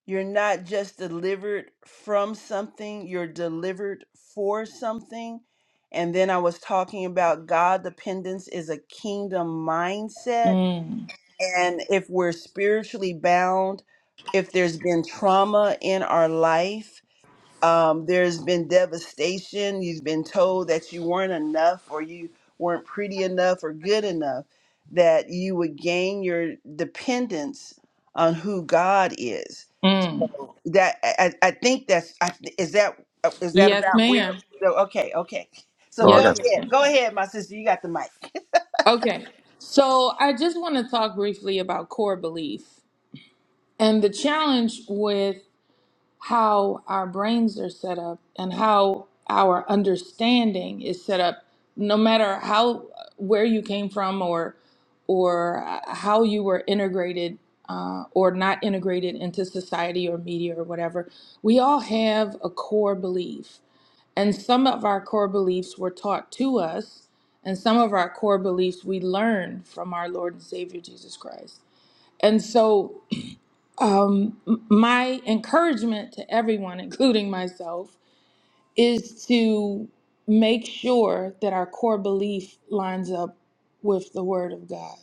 S1: you're not just delivered from something, you're delivered for something? And then I was talking about God dependence is a kingdom mindset.
S4: Mm.
S1: And if we're spiritually bound, if there's been trauma in our life, um, there's been devastation. You've been told that you weren't enough or you weren't pretty enough or good enough, that you would gain your dependence on who God is.
S4: Mm.
S1: So that I, I I think that's I, is that uh, is that
S4: Yes,
S1: about where?
S4: ma'am.
S1: So, okay, okay. So
S2: Oh, I
S1: go
S4: Yes,
S2: got
S1: ahead,
S4: ma'am.
S1: go ahead, my sister. You got the mic.
S4: Okay. So I just want to talk briefly about core belief. And the challenge with how our brains are set up and how our understanding is set up no matter how where you came from or or uh, how you were integrated uh, or not integrated into society or media or whatever we all have a core belief and some of our core beliefs were taught to us and some of our core beliefs we learned from our lord and savior jesus christ and so um, m- my encouragement to everyone, including myself, is to make sure that our core belief lines up with the Word of God.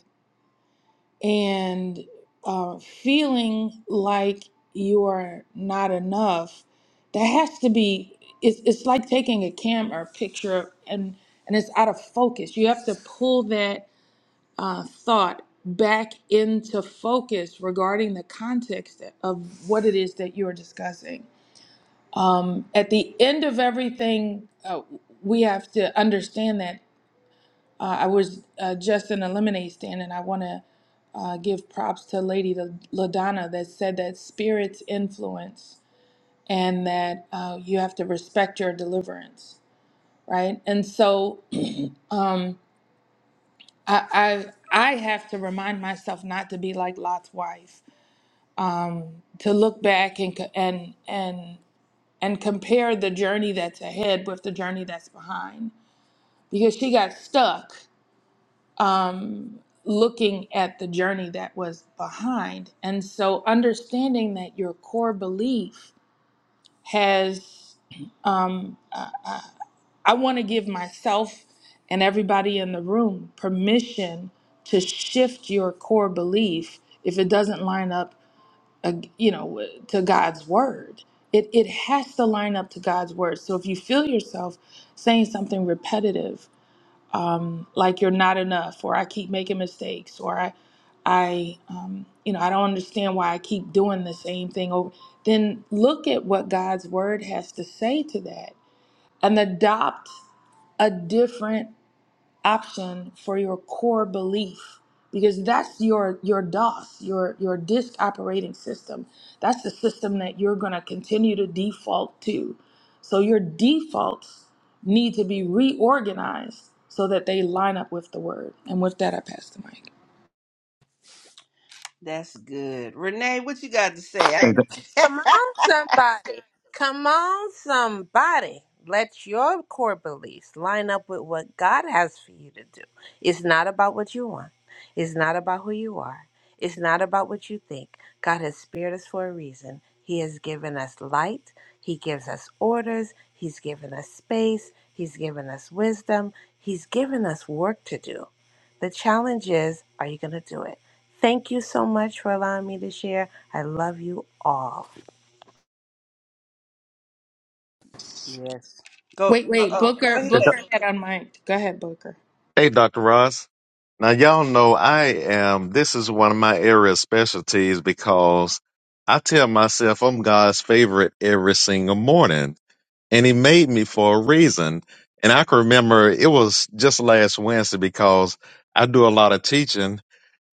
S4: And uh, feeling like you are not enough, that has to be, it's, it's like taking a camera picture and, and it's out of focus. You have to pull that uh, thought back into focus regarding the context of what it is that you're discussing. Um, at the end of everything, uh, we have to understand that uh, I was uh, just in a lemonade stand, and I want to uh, give props to Lady LaDonna that said that spirits influence and that uh, you have to respect your deliverance, right? And so um, I, I I have to remind myself not to be like Lot's wife um, to look back and co- and and and compare the journey that's ahead with the journey that's behind because she got stuck um, looking at the journey that was behind and so understanding that your core belief has um, uh, uh, i want to give myself and everybody in the room permission to shift your core belief if it doesn't line up uh, you know to god's word it, it has to line up to god's word so if you feel yourself saying something repetitive um, like you're not enough or i keep making mistakes or i i um, you know i don't understand why i keep doing the same thing over then look at what god's word has to say to that and adopt a different option for your core belief because that's your your DOS, your your disk operating system. That's the system that you're going to continue to default to. So your defaults need to be reorganized so that they line up with the word. And with that, I pass the mic.
S1: That's good, Renee. What you got to say? I
S2: you. Hey,
S1: know.
S2: Do-
S5: Come on, somebody. Come on, somebody. Let your core beliefs line up with what God has for you to do. It's not about what you want, it's not about who you are, it's not about what you think. God has spared us for a reason. He has given us light, He gives us orders, He's given us space, He's given us wisdom, He's given us work to do. The challenge is are you going to do it? Thank you so much for allowing me to share. I love you all.
S1: yes. Go.
S4: Wait,
S1: Uh,
S4: wait,
S1: oh,
S4: Booker,
S1: go
S2: hey,
S1: ahead.
S4: Booker had on mic. Go ahead, Booker.
S2: hey, Dr. Ross. Now, y'all know I am, this is one of my area of specialties because I tell myself I'm God's favorite every single morning. And He made me for a reason. And I can remember it was just last Wednesday because I do a lot of teaching.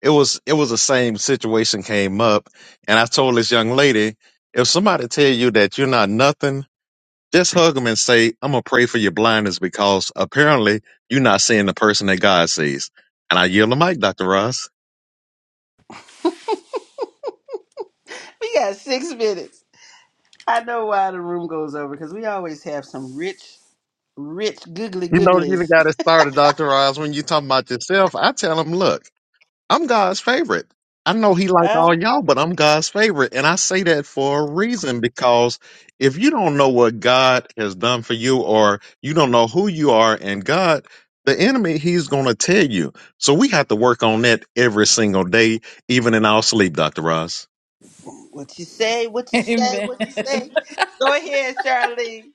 S2: It was it was the same situation came up, and I told this young lady, if somebody tell you that you're not nothing, Just hug them and say, I'm going to pray for your blindness because apparently you're not seeing the person that God sees. And I yield the mic, Dr. Ross.
S1: We got six minutes. I know why the room goes over because we always have some rich, rich googly
S2: You know, you the
S1: googlies.
S2: got that started, Dr. Ross, when you talking about yourself. I tell him, look, I'm God's favorite. I know he like
S1: Huh?
S2: all y'all, but I'm God's favorite. And I say that for a reason because if you don't know what God has done for you or you don't know who you are in God, the enemy, he's going to tell you. So we have to work on that every single day, even in our sleep, Dr. Ross.
S1: What you say? What you say?
S4: Amen.
S1: What you say? Go ahead, Charlene.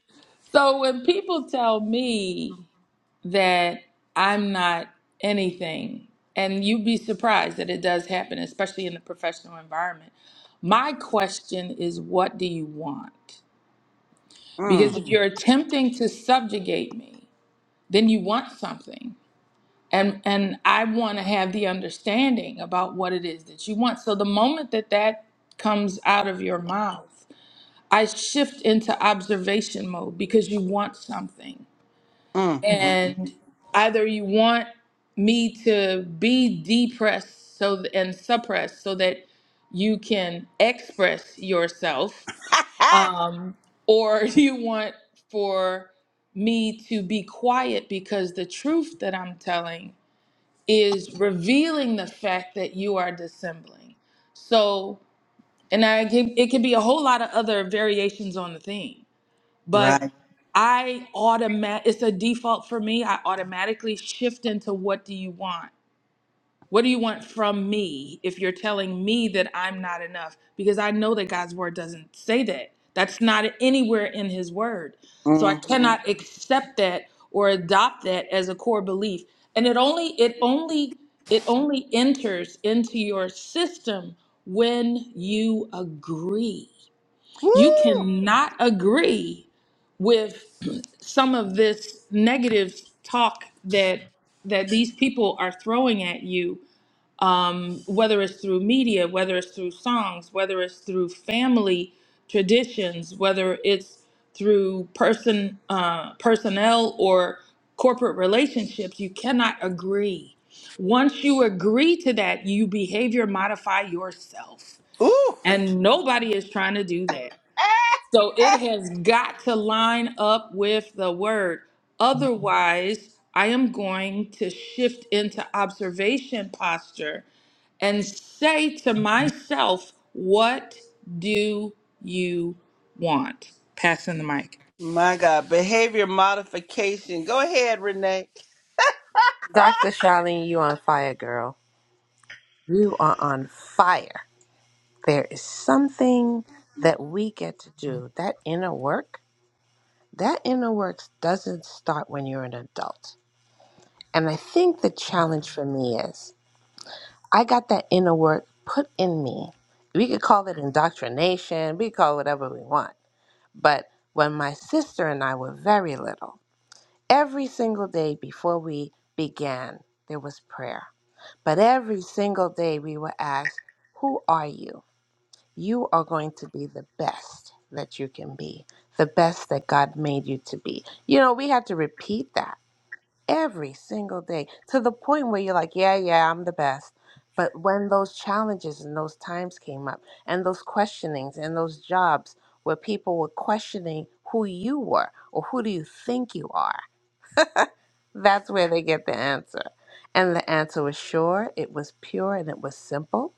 S4: so when people tell me that I'm not anything. And you'd be surprised that it does happen, especially in the professional environment. My question is, what do you want? Because
S1: Mm,
S4: if Mm. you're attempting to subjugate me, then you want something. And, and I want to have the understanding about what it is that you want. So the moment that that comes out of your mouth, I shift into observation mode because you want something.
S1: mm, mm.
S4: and either you want me to be depressed so th- and suppressed so that you can express yourself um, or you want for me to be quiet because the truth that i'm telling is revealing the fact that you are dissembling so and i can, it can be a whole lot of other variations on the theme but
S1: right.
S4: I automatic it's a default for me. I automatically shift into what do you want? What do you want from me if you're telling me that I'm not enough? Because I know that God's word doesn't say that. That's not anywhere in his word. So I
S1: Mm-hmm.
S4: cannot accept that or adopt that as a core belief. And it only it only it only enters into your system when you agree you
S1: Woo!
S4: cannot agree with some of this negative talk that that these people are throwing at you um, whether it's through media whether it's through songs whether it's through family traditions whether it's through person uh, personnel or corporate relationships you cannot agree once you agree to that you behavior modify yourself
S1: Ooh!
S4: and nobody is trying to do that so it has got to line up with the word. Otherwise, I am going to shift into observation posture and say to myself, What do you want? Passing the mic.
S1: My God, behavior modification. Go ahead, Renee.
S5: Dr. Charlene, you on fire, girl. You are on fire. There is something that we get to do. That inner work, that inner work doesn't start when you're an adult. And I think the challenge for me is I got that inner work put in me. We could call it indoctrination, we could call it whatever we want. But when my sister and I were very little, every single day before we began, there was prayer But every single day we were asked, Who are you? You are going to be the best that you can be, the best that God made you to be. You know, we had to repeat that every single day to the point where you're like, Yeah, yeah, I'm the best. But when those challenges and those times came up, and those questionings and those jobs where people were questioning who you were or who do you think you are, that's where they get the answer. And the answer was sure, it was pure, and it was simple.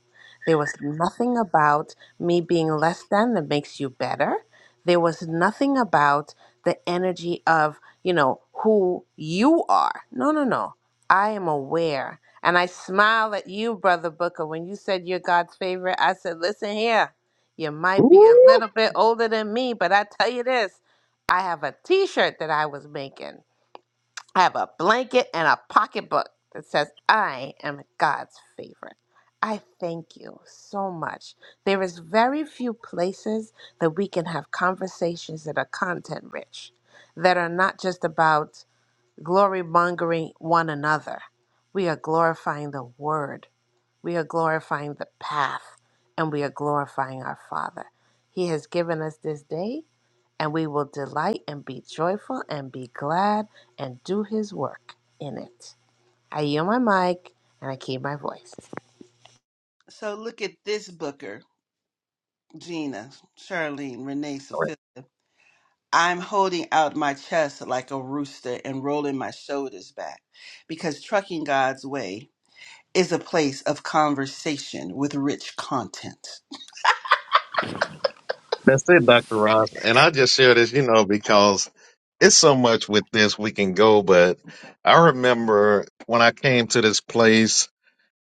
S5: There was nothing about me being less than that makes you better. There was nothing about the energy of, you know, who you are. No, no, no. I am aware. And I smile at you, Brother Booker. When you said you're God's favorite, I said, listen here, you might be a
S2: Ooh,
S5: little bit older than me, but I tell you this I have a t shirt that I was making. I have a blanket and a pocketbook that says, I am God's favorite. I thank you so much. There is very few places that we can have conversations that are content rich, that are not just about glory mongering one another. We are glorifying the word, we are glorifying the path, and we are glorifying our Father. He has given us this day, and we will delight and be joyful and be glad and do his work in it. I yield my mic and I keep my voice.
S1: So look at this booker, Gina, Charlene, Renee, Sophia. I'm holding out my chest like a rooster and rolling my shoulders back because trucking God's way is a place of conversation with rich content.
S2: that's it, Dr. Ross. And I just share this, you know, because it's so much with this we can go, but I remember when I came to this place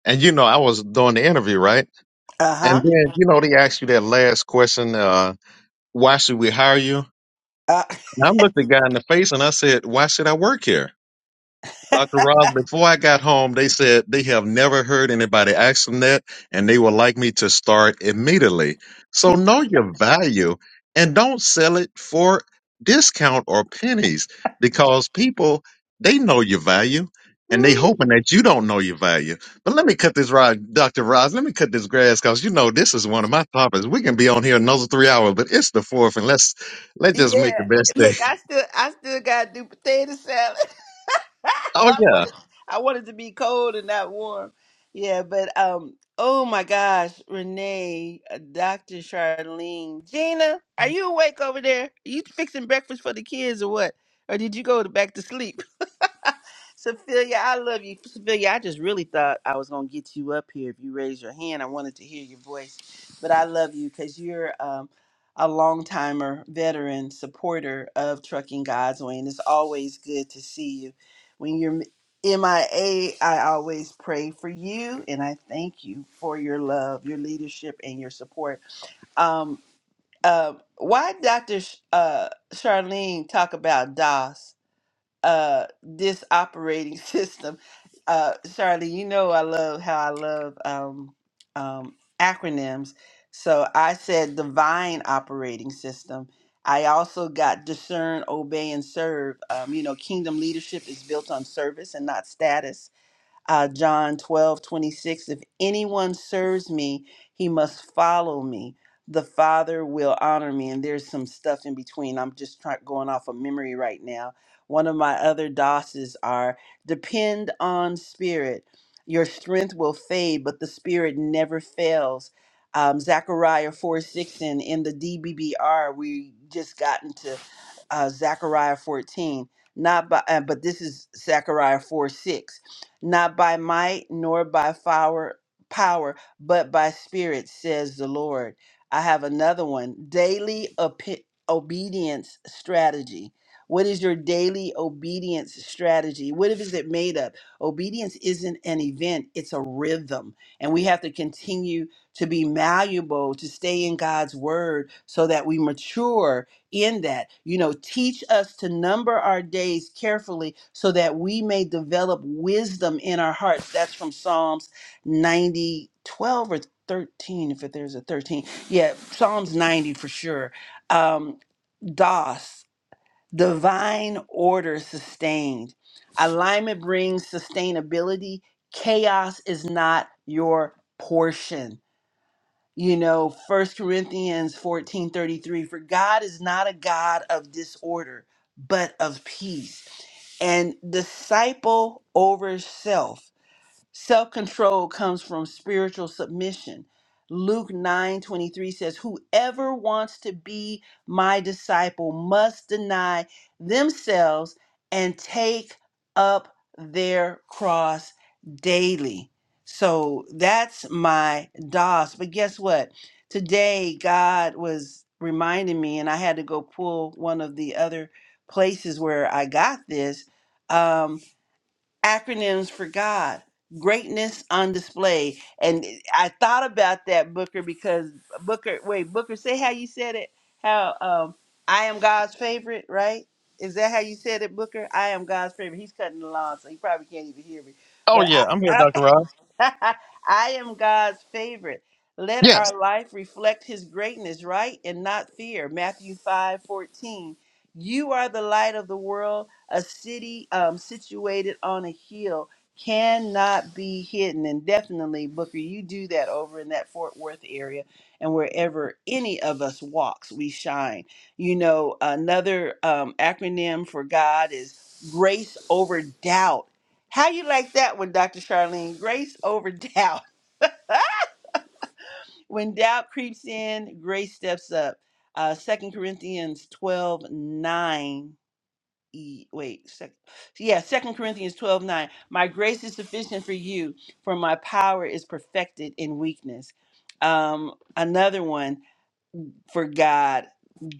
S2: and you know, I was doing the interview, right? And
S1: Uh-huh.
S2: then, you know, they asked you that last question, uh, why should we hire you? And
S1: Uh,
S2: I looked the guy in the face and I said, Why should I work here? Dr. Rob, before I got home, they said they have never heard anybody ask them that, and they would like me to start immediately. So know your value and don't sell it for discount or pennies because people, they know your value and they
S1: Ooh,
S2: hoping that you don't know your value. But let me cut this rod, Dr. Roz, let me cut this grass because you know this is one of my topics. We can be on here another three hours, but it's the fourth, and let's let's just make the
S1: yeah.
S2: best day.
S1: Look, I still I still gotta do potato salad.
S2: Oh
S1: I
S2: yeah.
S1: wanted, I wanted to be cold and not warm. Yeah, but um, oh my gosh, Renee, uh, Dr. Charlene, Gina, are you awake over there? Are you fixing breakfast for the kids or what? Or did you go to back to sleep? Sophia, I love you. Sophia, I just really thought I was going to get you up here if you raised your hand. I wanted to hear your voice, but I love you because you're um, a long timer, veteran supporter of Trucking God's Way, and it's always good to see you. When you're MIA, I A, I always pray for you, and I thank you for your love, your leadership, and your support. Um, uh, why Dr. Sh- uh, Charlene talk about DOS? uh this operating system uh charlie you know i love how i love um um acronyms so i said divine operating system i also got discern obey and serve um you know kingdom leadership is built on service and not status uh, John 12 26. If anyone serves me, he must follow me. The Father will honor me. And there's some stuff in between. I'm just try- going off of memory right now. One of my other doses are depend on spirit. Your strength will fade, but the spirit never fails. Um, Zechariah 4 6 and in the DBBR, we just got into uh, Zechariah 14. Not by, uh, but this is Zechariah 4 6 not by might nor by power, power, but by spirit, says the Lord. I have another one daily opi- obedience strategy. What is your daily obedience strategy? What is it made of? Obedience isn't an event, it's a rhythm. And we have to continue to be malleable, to stay in God's word so that we mature in that. You know, teach us to number our days carefully so that we may develop wisdom in our hearts. That's from Psalms 90 12 or 13, if there's a 13. Yeah, Psalms 90 for sure. Um, DOS, divine order sustained. Alignment brings sustainability. Chaos is not your portion you know First corinthians 14 33. for god is not a god of disorder but of peace and disciple over self Self control comes from spiritual submission. Luke 9 23 says, Whoever wants to be my disciple must deny themselves and take up their cross daily. So that's my DOS. But guess what? Today, God was reminding me, and I had to go pull one of the other places where I got this. Um, acronyms for God, greatness on display. And I thought about that, Booker, because Booker, wait, Booker, say how you said it. How um, I am God's favorite, right? Is that how you said it, Booker? I am God's favorite. He's cutting the lawn, so he probably can't even hear me.
S2: Oh
S1: But
S2: yeah. I'm here,
S1: I,
S2: Dr. Roz.
S1: I, I am God's favorite. Let
S2: Yes.
S1: our life reflect his greatness, right? And not fear. Matthew five fourteen. You are the light of the world. A city um, situated on a hill cannot be hidden. And definitely, Booker, you do that over in that Fort Worth area. And wherever any of us walks, we shine. You know, another um, acronym for God is grace over doubt. How you like that one, Dr. Charlene? Grace over doubt. When doubt creeps in, grace steps up. Uh, 2 Corinthians 12 9. E- wait, sec, yeah, Second Corinthians 12 9. My grace is sufficient for you, for my power is perfected in weakness. Um, another one for God,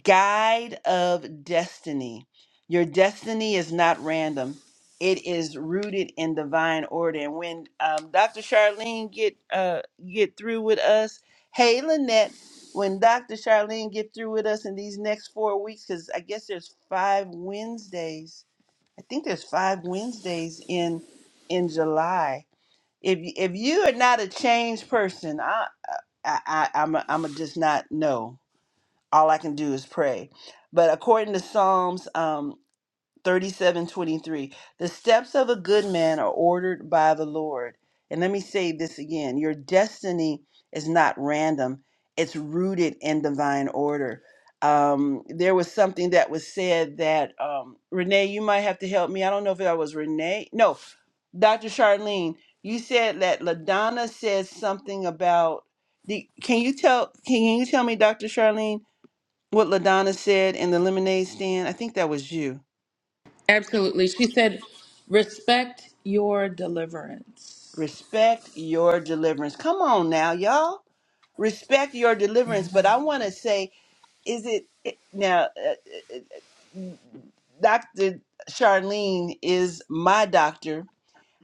S1: guide of destiny. Your destiny is not random. It is rooted in divine order. And when um, Dr. Charlene get uh, get through with us, hey Lynette, when Dr. Charlene get through with us in these next four weeks, because I guess there's five Wednesdays I think there's five Wednesdays in in July. If y- if you are not a changed person, I I, I I'm a, I'm a just not know. All I can do is pray. But according to Psalms, um, 37:23 The steps of a good man are ordered by the Lord. And let me say this again, your destiny is not random. It's rooted in divine order. Um, there was something that was said that um, Renee, you might have to help me. I don't know if that was Renee. No, Dr. Charlene, you said that LaDonna said something about the can you tell can you tell me, Dr. Charlene, what LaDonna said in the lemonade stand? I think that was you.
S4: Absolutely. She said, Respect your deliverance.
S1: Respect your deliverance. Come on now, y'all. Respect your deliverance. But I want to say, is it it- now, uh, Dr. Charlene is my doctor,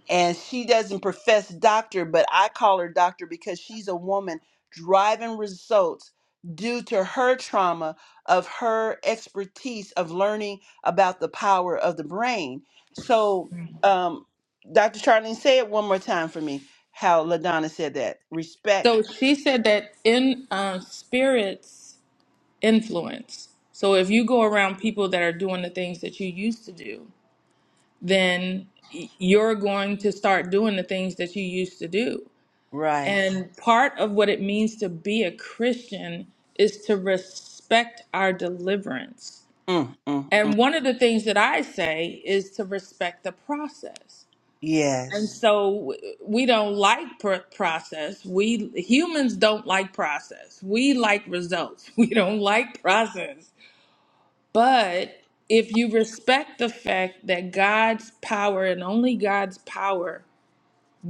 S1: and she doesn't profess doctor, but I call her doctor because she's a woman driving results due to her trauma of her expertise of learning about the power of the brain. So, um, Dr. Charlene, say it one more time for me how LaDonna said that respect.
S4: So she said that in uh, spirits influence. So if you go around people that are doing the things that you used to do, then y- you're going to start doing the things that you used to do.
S1: Right.
S4: And part of what it means to be a Christian is to respect our deliverance.
S1: Mm, mm, mm.
S4: And one of the things that I say is to respect the process. And
S1: Yes.
S4: so w- we don't like pr- process. We humans don't like process. We like results. We don't like process. But if you respect the fact that God's power and only God's power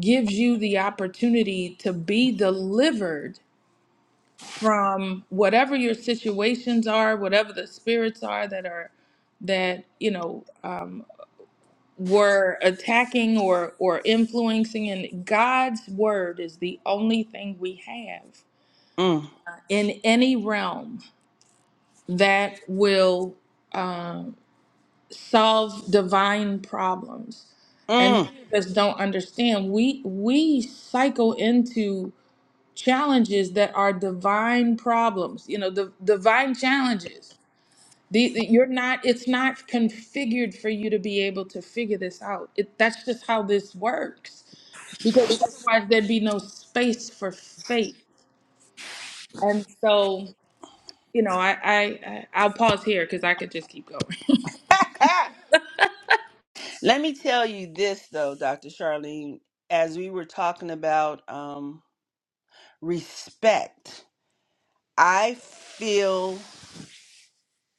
S4: gives you the opportunity to be delivered from whatever your situations are, whatever the spirits are that are that you know um, were attacking or or influencing, and God's word is the only thing we have
S1: Mm,
S4: in any realm that will. um, solve divine problems. And
S1: mm.
S4: many of us don't understand. We we cycle into challenges that are divine problems. You know, the divine challenges. The, the- you're not. It's not configured for you to be able to figure this out. It, that's just how this works, because otherwise there'd be no space for faith. And so, you know, I I I- I'll pause here because I could just keep going.
S1: Let me tell you this, though, Dr. Charlene, as we were talking about. Um, respect. I feel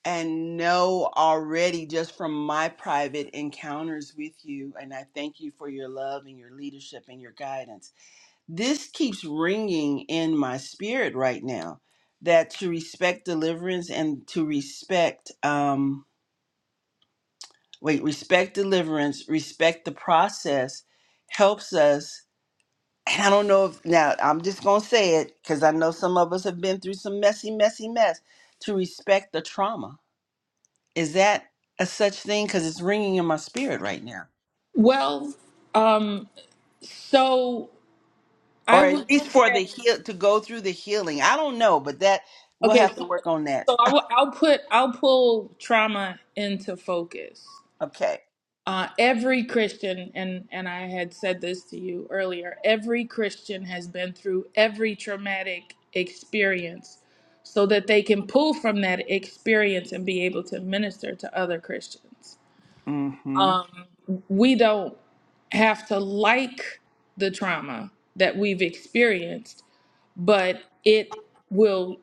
S1: and know already just from my private encounters with you, and I thank you for your love and your leadership and your guidance. This keeps ringing in my spirit right now that to respect deliverance and to respect, um, wait, respect deliverance, respect the process helps us and I don't know if now I'm just gonna say it because I know some of us have been through some messy, messy mess. To respect the trauma is that a such thing? Because it's ringing in my spirit right now,
S4: Well, um, so. I
S1: or at
S4: would
S1: least for the
S4: say
S1: heal to go through the healing. I don't know, but that we'll
S4: okay.
S1: have to
S4: So,
S1: work on that.
S4: so I will. I'll put. I'll pull trauma into focus.
S1: Okay.
S4: Uh, every Christian, and and I had said this to you earlier. Every Christian has been through every traumatic experience, so that they can pull from that experience and be able to minister to other Christians.
S1: Mm-hmm.
S4: Um, we don't have to like the trauma that we've experienced but it will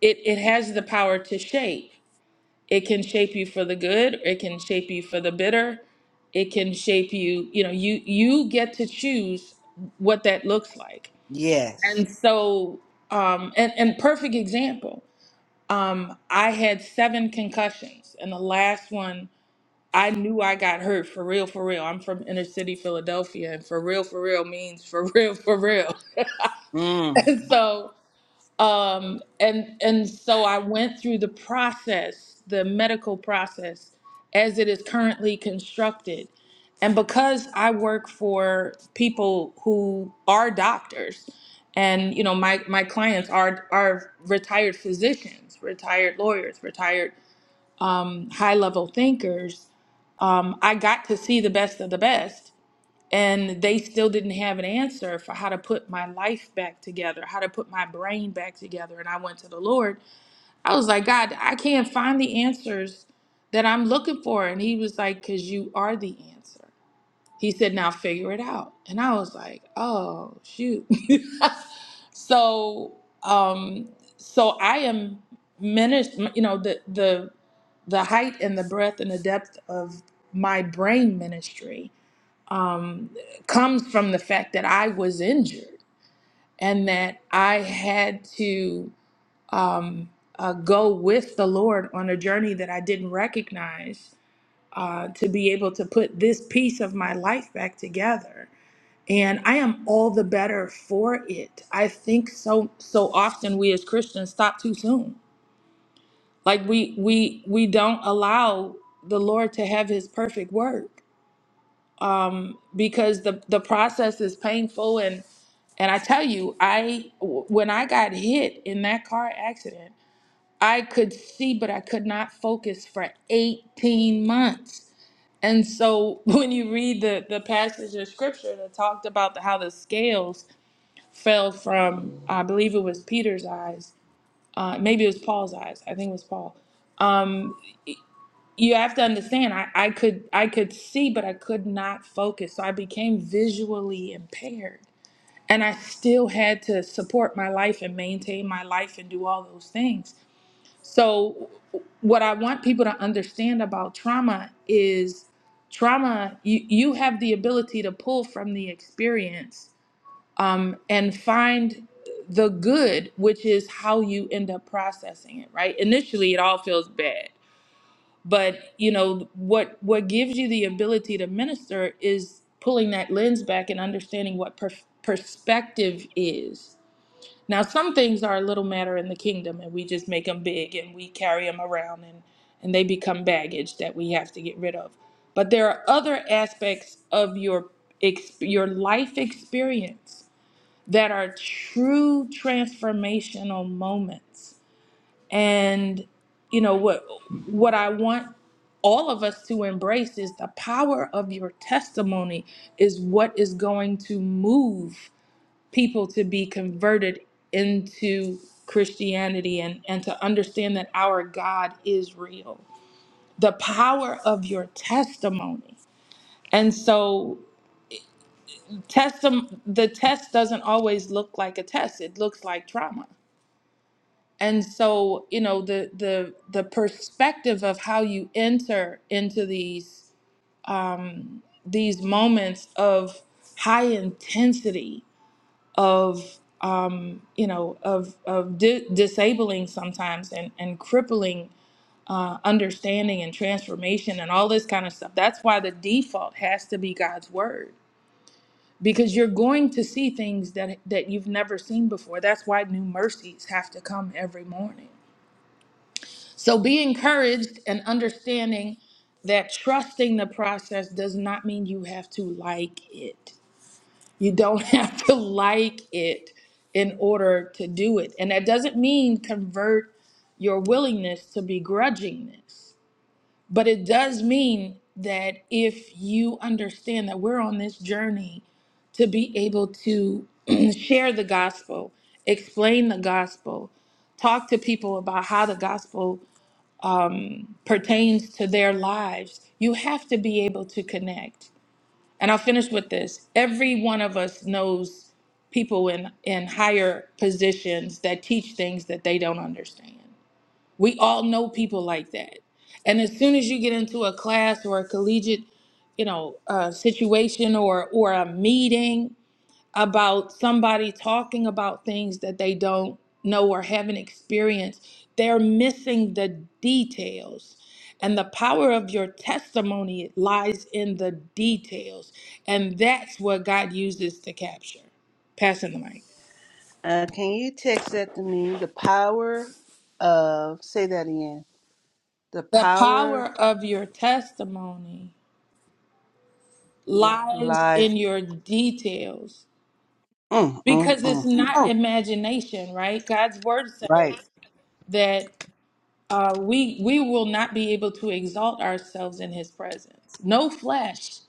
S4: it it has the power to shape it can shape you for the good it can shape you for the bitter it can shape you you know you you get to choose what that looks like
S1: Yes.
S4: and so um and and perfect example um i had seven concussions and the last one i knew i got hurt for real for real i'm from inner city philadelphia and for real for real means for real for real
S1: Mm.
S4: and so um and and so i went through the process the medical process as it is currently constructed and because i work for people who are doctors and you know my my clients are are retired physicians retired lawyers retired um, high level thinkers um, i got to see the best of the best and they still didn't have an answer for how to put my life back together, how to put my brain back together. And I went to the Lord. I was like, God, I can't find the answers that I'm looking for. And He was like, Because you are the answer. He said, Now figure it out. And I was like, Oh, shoot. so, um, so I am menaced, you know, the, the, the height and the breadth and the depth of my brain ministry um, comes from the fact that I was injured and that I had to um, uh, go with the Lord on a journey that I didn't recognize uh, to be able to put this piece of my life back together. And I am all the better for it. I think so. So often we as Christians stop too soon. Like we we we don't allow the Lord to have His perfect work um, because the the process is painful and and I tell you, I w- when I got hit in that car accident, I could see but I could not focus for 18 months. And so when you read the the passage of scripture that talked about how the scales fell from, I believe it was Peter's eyes, uh, maybe it was Paul's eyes. I think it was Paul. um, you have to understand I, I could i could see but i could not focus so i became visually impaired and i still had to support my life and maintain my life and do all those things so what i want people to understand about trauma is trauma you, you have the ability to pull from the experience um, and find the good which is how you end up processing it right initially it all feels bad but you know what what gives you the ability to minister is pulling that lens back and understanding what per- perspective is now some things are a little matter in the kingdom and we just make them big and we carry them around and and they become baggage that we have to get rid of but there are other aspects of your ex- your life experience that are true transformational moments and you know what what I want all of us to embrace is the power of your testimony is what is going to move people to be converted into Christianity and, and to understand that our God is real. The power of your testimony. And so testim the test doesn't always look like a test. It looks like trauma and so you know the the the perspective of how you enter into these um, these moments of high intensity of um, you know of of di- disabling sometimes and and crippling uh, understanding and transformation and all this kind of stuff. That's why the default has to be God's word because you're going to see things that that you've never seen before. That's why new mercies have to come every morning So be encouraged and understanding that trusting the process does not mean you have to like it. You don't have to like it in order to do it. And that doesn't mean convert your willingness to begrudgingness, but it does mean that if you understand that we're on this journey to be able to share the gospel, explain the gospel, talk to people about how the gospel pertains to their lives, you have to be able to connect. And I'll finish with this. Every one of us knows people in, in higher positions that teach things that they don't understand. We all know people like that. And as soon as you get into a class or a collegiate, you know, uh, situation or or a meeting, about somebody talking about things that they don't know or haven't experienced, they're missing the details. And the power of your testimony lies in the details. And that's what God uses to capture. Passing the mic.
S1: Uh, can you text that to me? The power of say that again. The
S4: The power
S1: power
S4: of your testimony lies
S1: lies.
S4: in your details
S1: Mm, mm,
S4: because it's
S1: mm.
S4: not
S1: Mm,
S4: imagination, right? God's word
S1: right.
S4: says that. uh, we we will not be able to exalt ourselves in his presence no flesh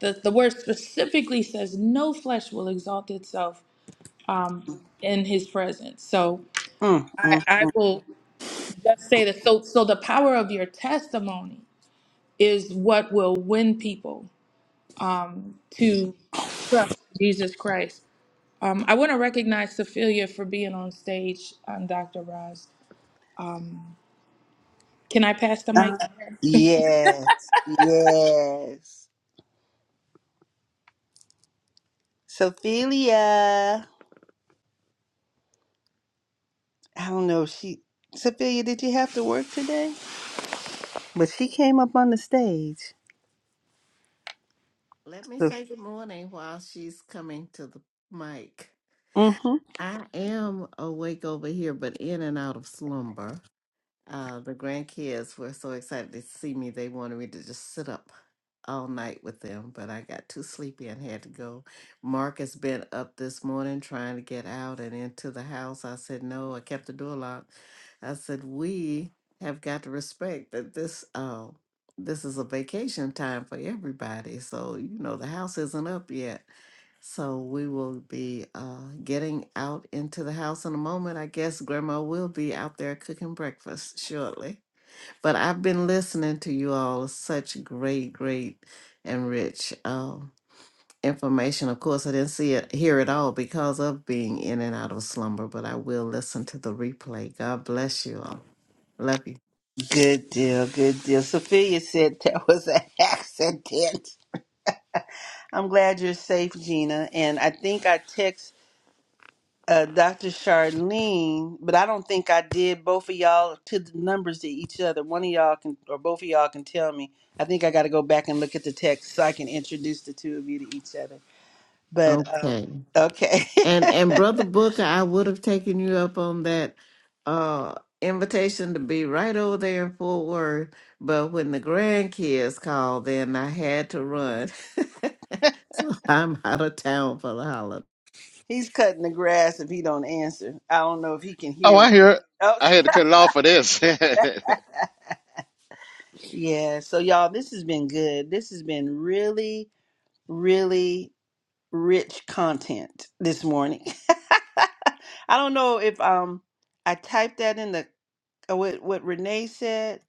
S4: the, the word specifically says no flesh will exalt itself um, in his presence so
S1: Mm, mm,
S4: I, I will just say that so so the power of your testimony is what will win people um, to trust jesus christ um, i want to recognize sophia for being on stage um, dr Roz. can i pass the mic
S1: Uh,
S4: to her
S1: yes, yes. Sophia, I don't know. if She, Sophia, did you have to work today? But she came up on the stage.
S6: Let me
S1: So,
S6: say good morning while she's coming to the mic.
S1: hmm
S6: I am awake over here, but in and out of slumber. Uh, the grandkids were so excited to see me, they wanted me to just sit up all night with them, but I got too sleepy and had to go. Mark has been up this morning trying to get out and into the house. I said, No, I kept the door locked. I said, We have got to respect that this uh this is a vacation time for everybody. So, you know, the house isn't up yet. So we will be uh getting out into the house in a moment. I guess grandma will be out there cooking breakfast shortly. But I've been listening to you all. Such great, great, and rich um, information. Of course, I didn't see it, hear it all because of being in and out of slumber. But I will listen to the replay. God bless you all. Love you.
S1: Good deal, good deal. Sophia said that was an accident. I'm glad you're safe, Gina. And I think I text. uh, Dr. Charlene, but I don't think I did both of y'all to the numbers to each other. One of y'all can, or both of y'all can tell me. I think I got to go back and look at the text so I can introduce the two of you to each other. But um,
S6: Okay.
S1: okay,
S6: And and brother Booker, I would have taken you up on that uh, invitation to be right over there in Fort Worth, but when the grandkids called, then I had to run. so I'm out of town for the holiday.
S1: he's cutting the grass if he don't answer. I don't know if he can
S2: Oh,
S1: hear.
S2: I hear. it.
S1: Oh,
S2: I had to cut it off for this.
S1: yeah. So y'all, this has been good. This has been really, really rich content this morning. I don't know if um I typed that in the uh, what what Renee said.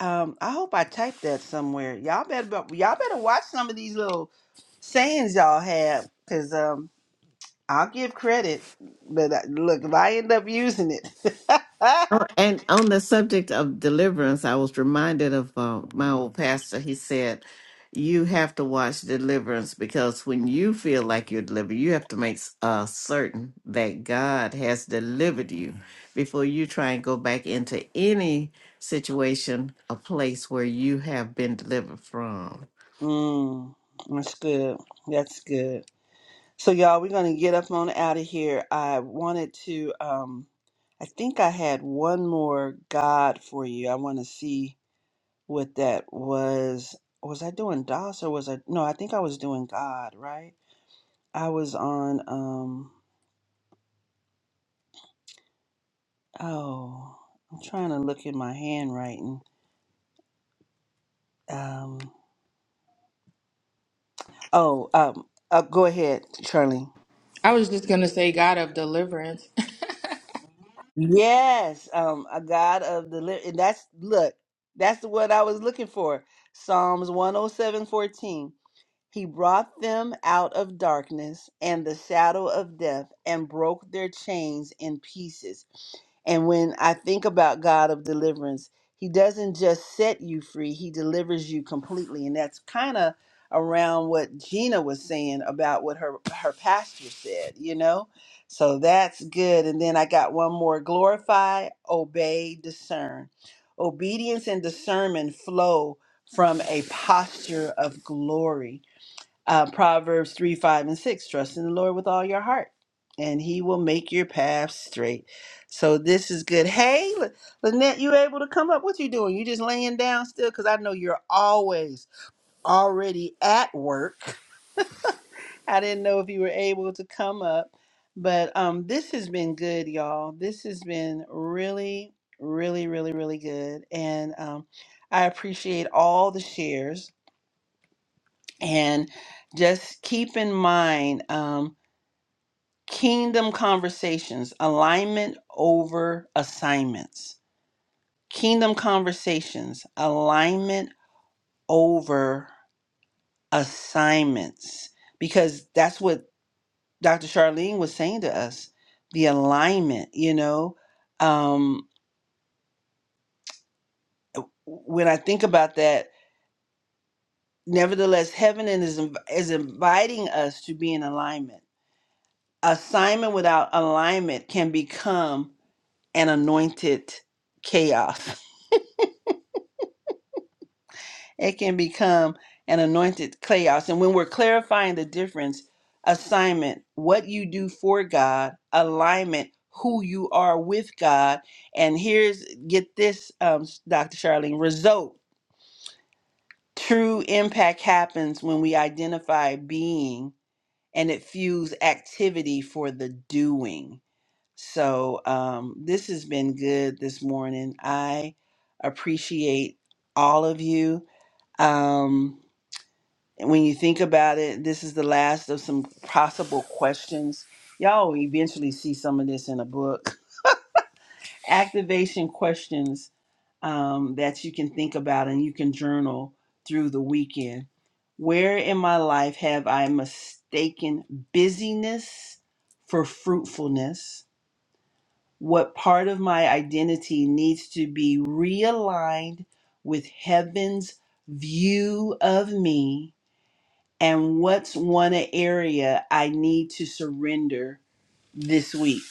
S1: Um, I hope I typed that somewhere. Y'all better bu- y'all better watch some of these little sayings y'all have, cause um, I'll give credit, but I, look if I end up using it,
S6: Oh, and on the subject of deliverance, I was reminded of uh, my old pastor. He said, You have to watch deliverance because when you feel like you're delivered, you have to make s- uh, certain that God has delivered you before you try and go back into any situation, a place where you have been delivered from.
S1: mm, that's good. That's good. So y'all, we're gonna get up on out of here. I wanted to. Um, I think I had one more God for you. I want to see. with that was was I doing DOS or was I no, I think I was doing God, right? I was on um oh, I'm trying to look at my handwriting. Um oh, um uh, go ahead, Charlie.
S4: I was just going to say, God of deliverance.
S1: Yes, um a God of the li- and that's look, that's the word I was looking for. Psalms 107:14. He brought them out of darkness and the shadow of death and broke their chains in pieces. And when I think about God of deliverance, He doesn't just set you free, He delivers you completely. And that's kind of around what Gina was saying about what her, her pastor said, you know? So that's good. And then I got one more glorify, obey, discern. Obedience and discernment flow from a posture of glory. Uh, Proverbs 3, 5, and 6. Trust in the Lord with all your heart, and he will make your path straight. So this is good. Hey, Lyn- Lynette, you able to come up? What you doing? You just laying down still? Because I know you're always already at work. I didn't know if you were able to come up. But um, this has been good, y'all. This has been really, really, really, really good. And um, I appreciate all the shares. And just keep in mind um, Kingdom Conversations Alignment over Assignments. Kingdom Conversations Alignment over Assignments. Because that's what Dr. Charlene was saying to us the alignment, you know. Um, when I think about that, nevertheless, heaven is, is inviting us to be in alignment. Assignment without alignment can become an anointed chaos. it can become an anointed chaos. And when we're clarifying the difference, assignment, what you do for God, alignment, who you are with God, and here's get this, um, Dr. Charlene, result. True impact happens when we identify being and it fuels activity for the doing. So, um, this has been good this morning. I appreciate all of you. Um, And when you think about it, this is the last of some possible questions. Y'all will eventually see some of this in a book. Activation questions um, that you can think about and you can journal through the weekend. Where in my life have I mistaken busyness for fruitfulness? What part of my identity needs to be realigned with heaven's view of me? and what's one area I need to surrender this week?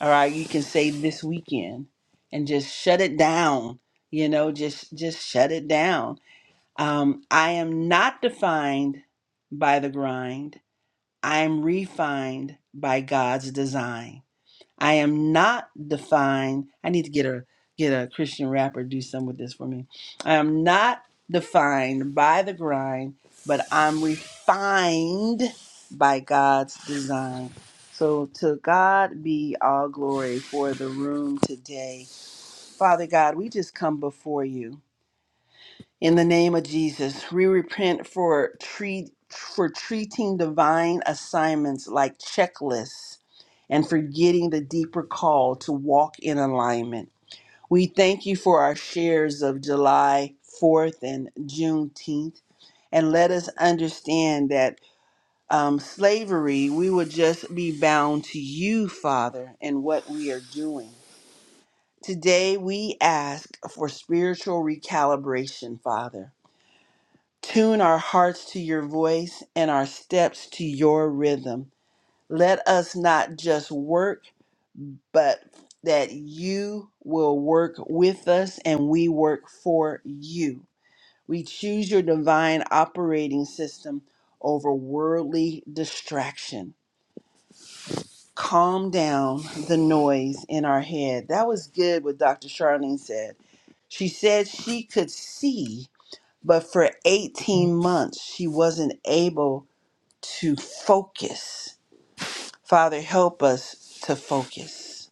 S1: All right, you can say this weekend and just shut it down. You know, just just shut it down. Um, I am not defined by the grind. I am refined by God's design. I am not defined. I need to get a get a Christian rapper to do some with this for me. I am not defined by the grind, but I'm refined by God's design. So to God be all glory for the room today. Father God, we just come before you. In the name of Jesus, we repent for treat for treating divine assignments like checklists and forgetting the deeper call to walk in alignment. We thank you for our shares of July 4th and Juneteenth, and let us understand that um, slavery, we would just be bound to you, Father, and what we are doing. Today, we ask for spiritual recalibration, Father Tune our hearts to your voice and our steps to your rhythm. Let us not just work, but that you will work with us and we work for you. We choose your divine operating system over worldly distraction. Calm down the noise in our head. That was good what Dr. Charlene said. She said she could see, but for 18 months she wasn't able to focus. Father, help us to focus.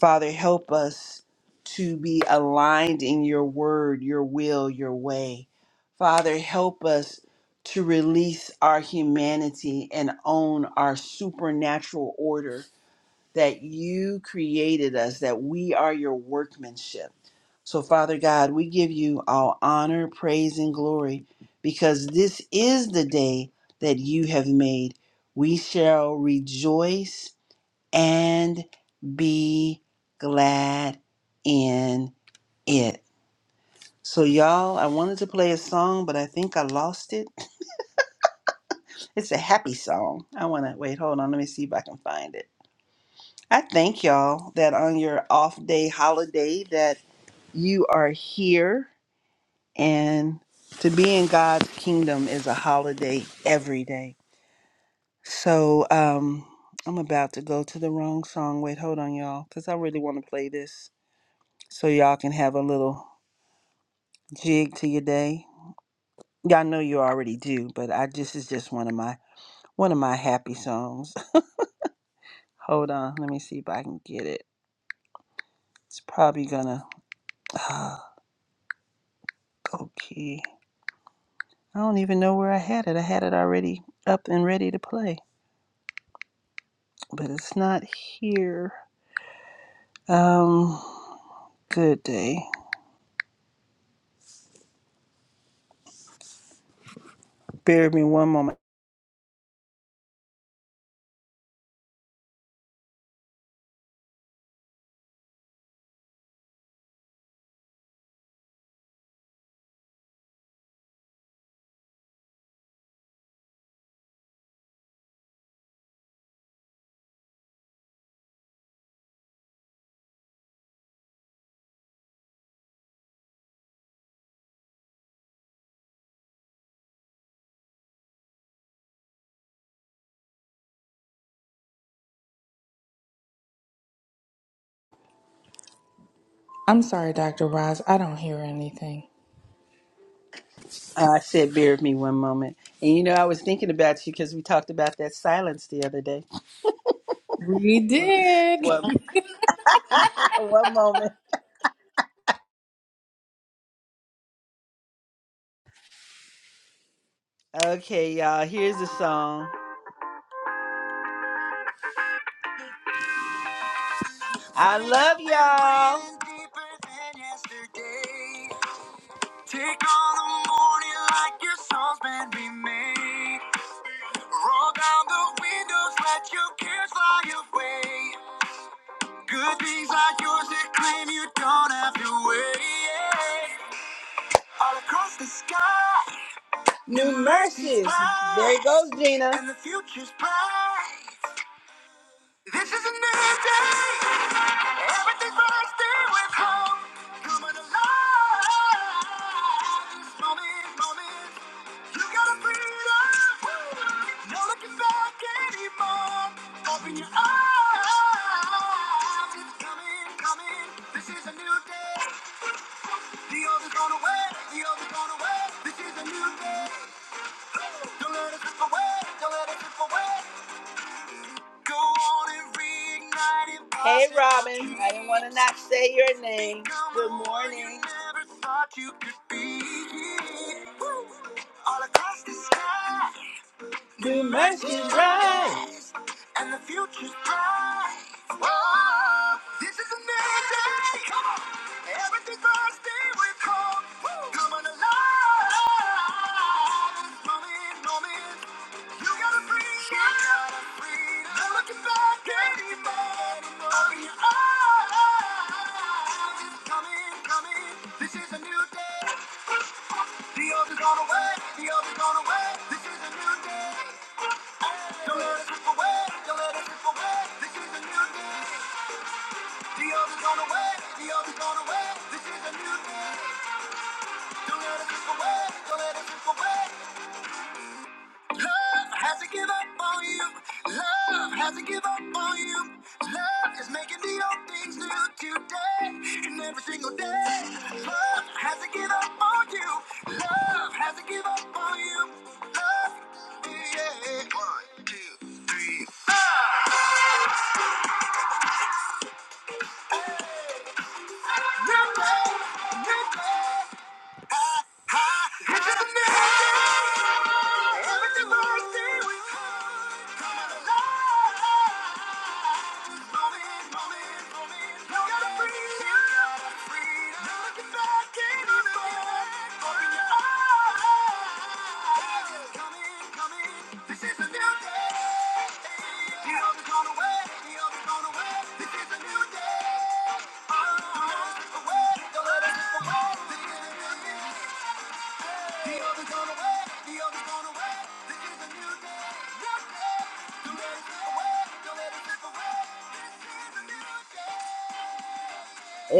S1: Father, help us to be aligned in your word, your will, your way. Father, help us to release our humanity and own our supernatural order that you created us, that we are your workmanship. So, Father God, we give you all honor, praise, and glory because this is the day that you have made. We shall rejoice and be glad in it. So, y'all, I wanted to play a song, but I think I lost it. It's a happy song. I want to wait, hold on, let me see if I can find it. I thank y'all that on your off day holiday that you are here and to be in God's kingdom is a holiday every day. So um I'm about to go to the wrong song. Wait, hold on y'all cuz I really want to play this so y'all can have a little jig to your day. Y'all know you already do, but I just is just one of my one of my happy songs. hold on, let me see if I can get it. It's probably gonna uh, go key. I don't even know where I had it. I had it already up and ready to play, but it's not here. Um, good day. Bear with me one moment.
S4: I'm sorry, Dr. Roz. I don't hear anything.
S1: Ah, I said, bear with me one moment. And you know, I was thinking about you because we talked about that silence the other day.
S4: We did.
S1: One, one moment. Okay, y'all. Here's the song. I love y'all. Take all the morning like your song's been remade. Roll down the windows, let your cares fly away. Good things are yours that claim you don't have to wait. Yeah. All across the sky, new mercies. There goes Gina. And the future's bright. This is a new day. Everything's bursting with hope. Coming alive. This moment, moment. You gotta breathe up. No looking back anymore. Open your eyes. It's coming, coming. This is a new day. The old is gone away. The old is gone away. This is a new day. Don't let it slip away. Don't let it slip away. Hey Robin, I didn't want to not say your name. Good morning. All across the sky. We make it right. And the future's bright. Whoa, this is a new day. Come on. Everything must be with hope. Woo. Come on alive. This moment, moment. You gotta breathe. You gotta breathe. No looking back anymore. Open your eyes. It's coming, coming. This is a new day. The others gone away, the others gone away. This is a new day. Don't let it slip away, don't let it slip away. This is a new day. The others gone away, the others gone away. This is a new day. Don't let it slip away, don't let it slip away. Love has not give up on you. Love has not give up on you. Love is making me all things new today and every single day. Love has not give up on you. Love has not give up on you. Love, yeah. One, two, three, four. Replay, replay. Come in, come in. This is a new day. Oh,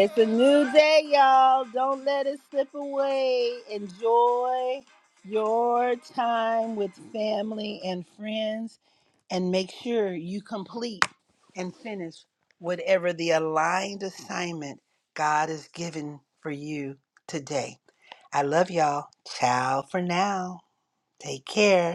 S1: It's a new day, y'all. Don't let it slip away. Enjoy your time with family and friends and make sure you complete and finish whatever the aligned assignment God has given for you today. I love y'all. Ciao for now. Take care.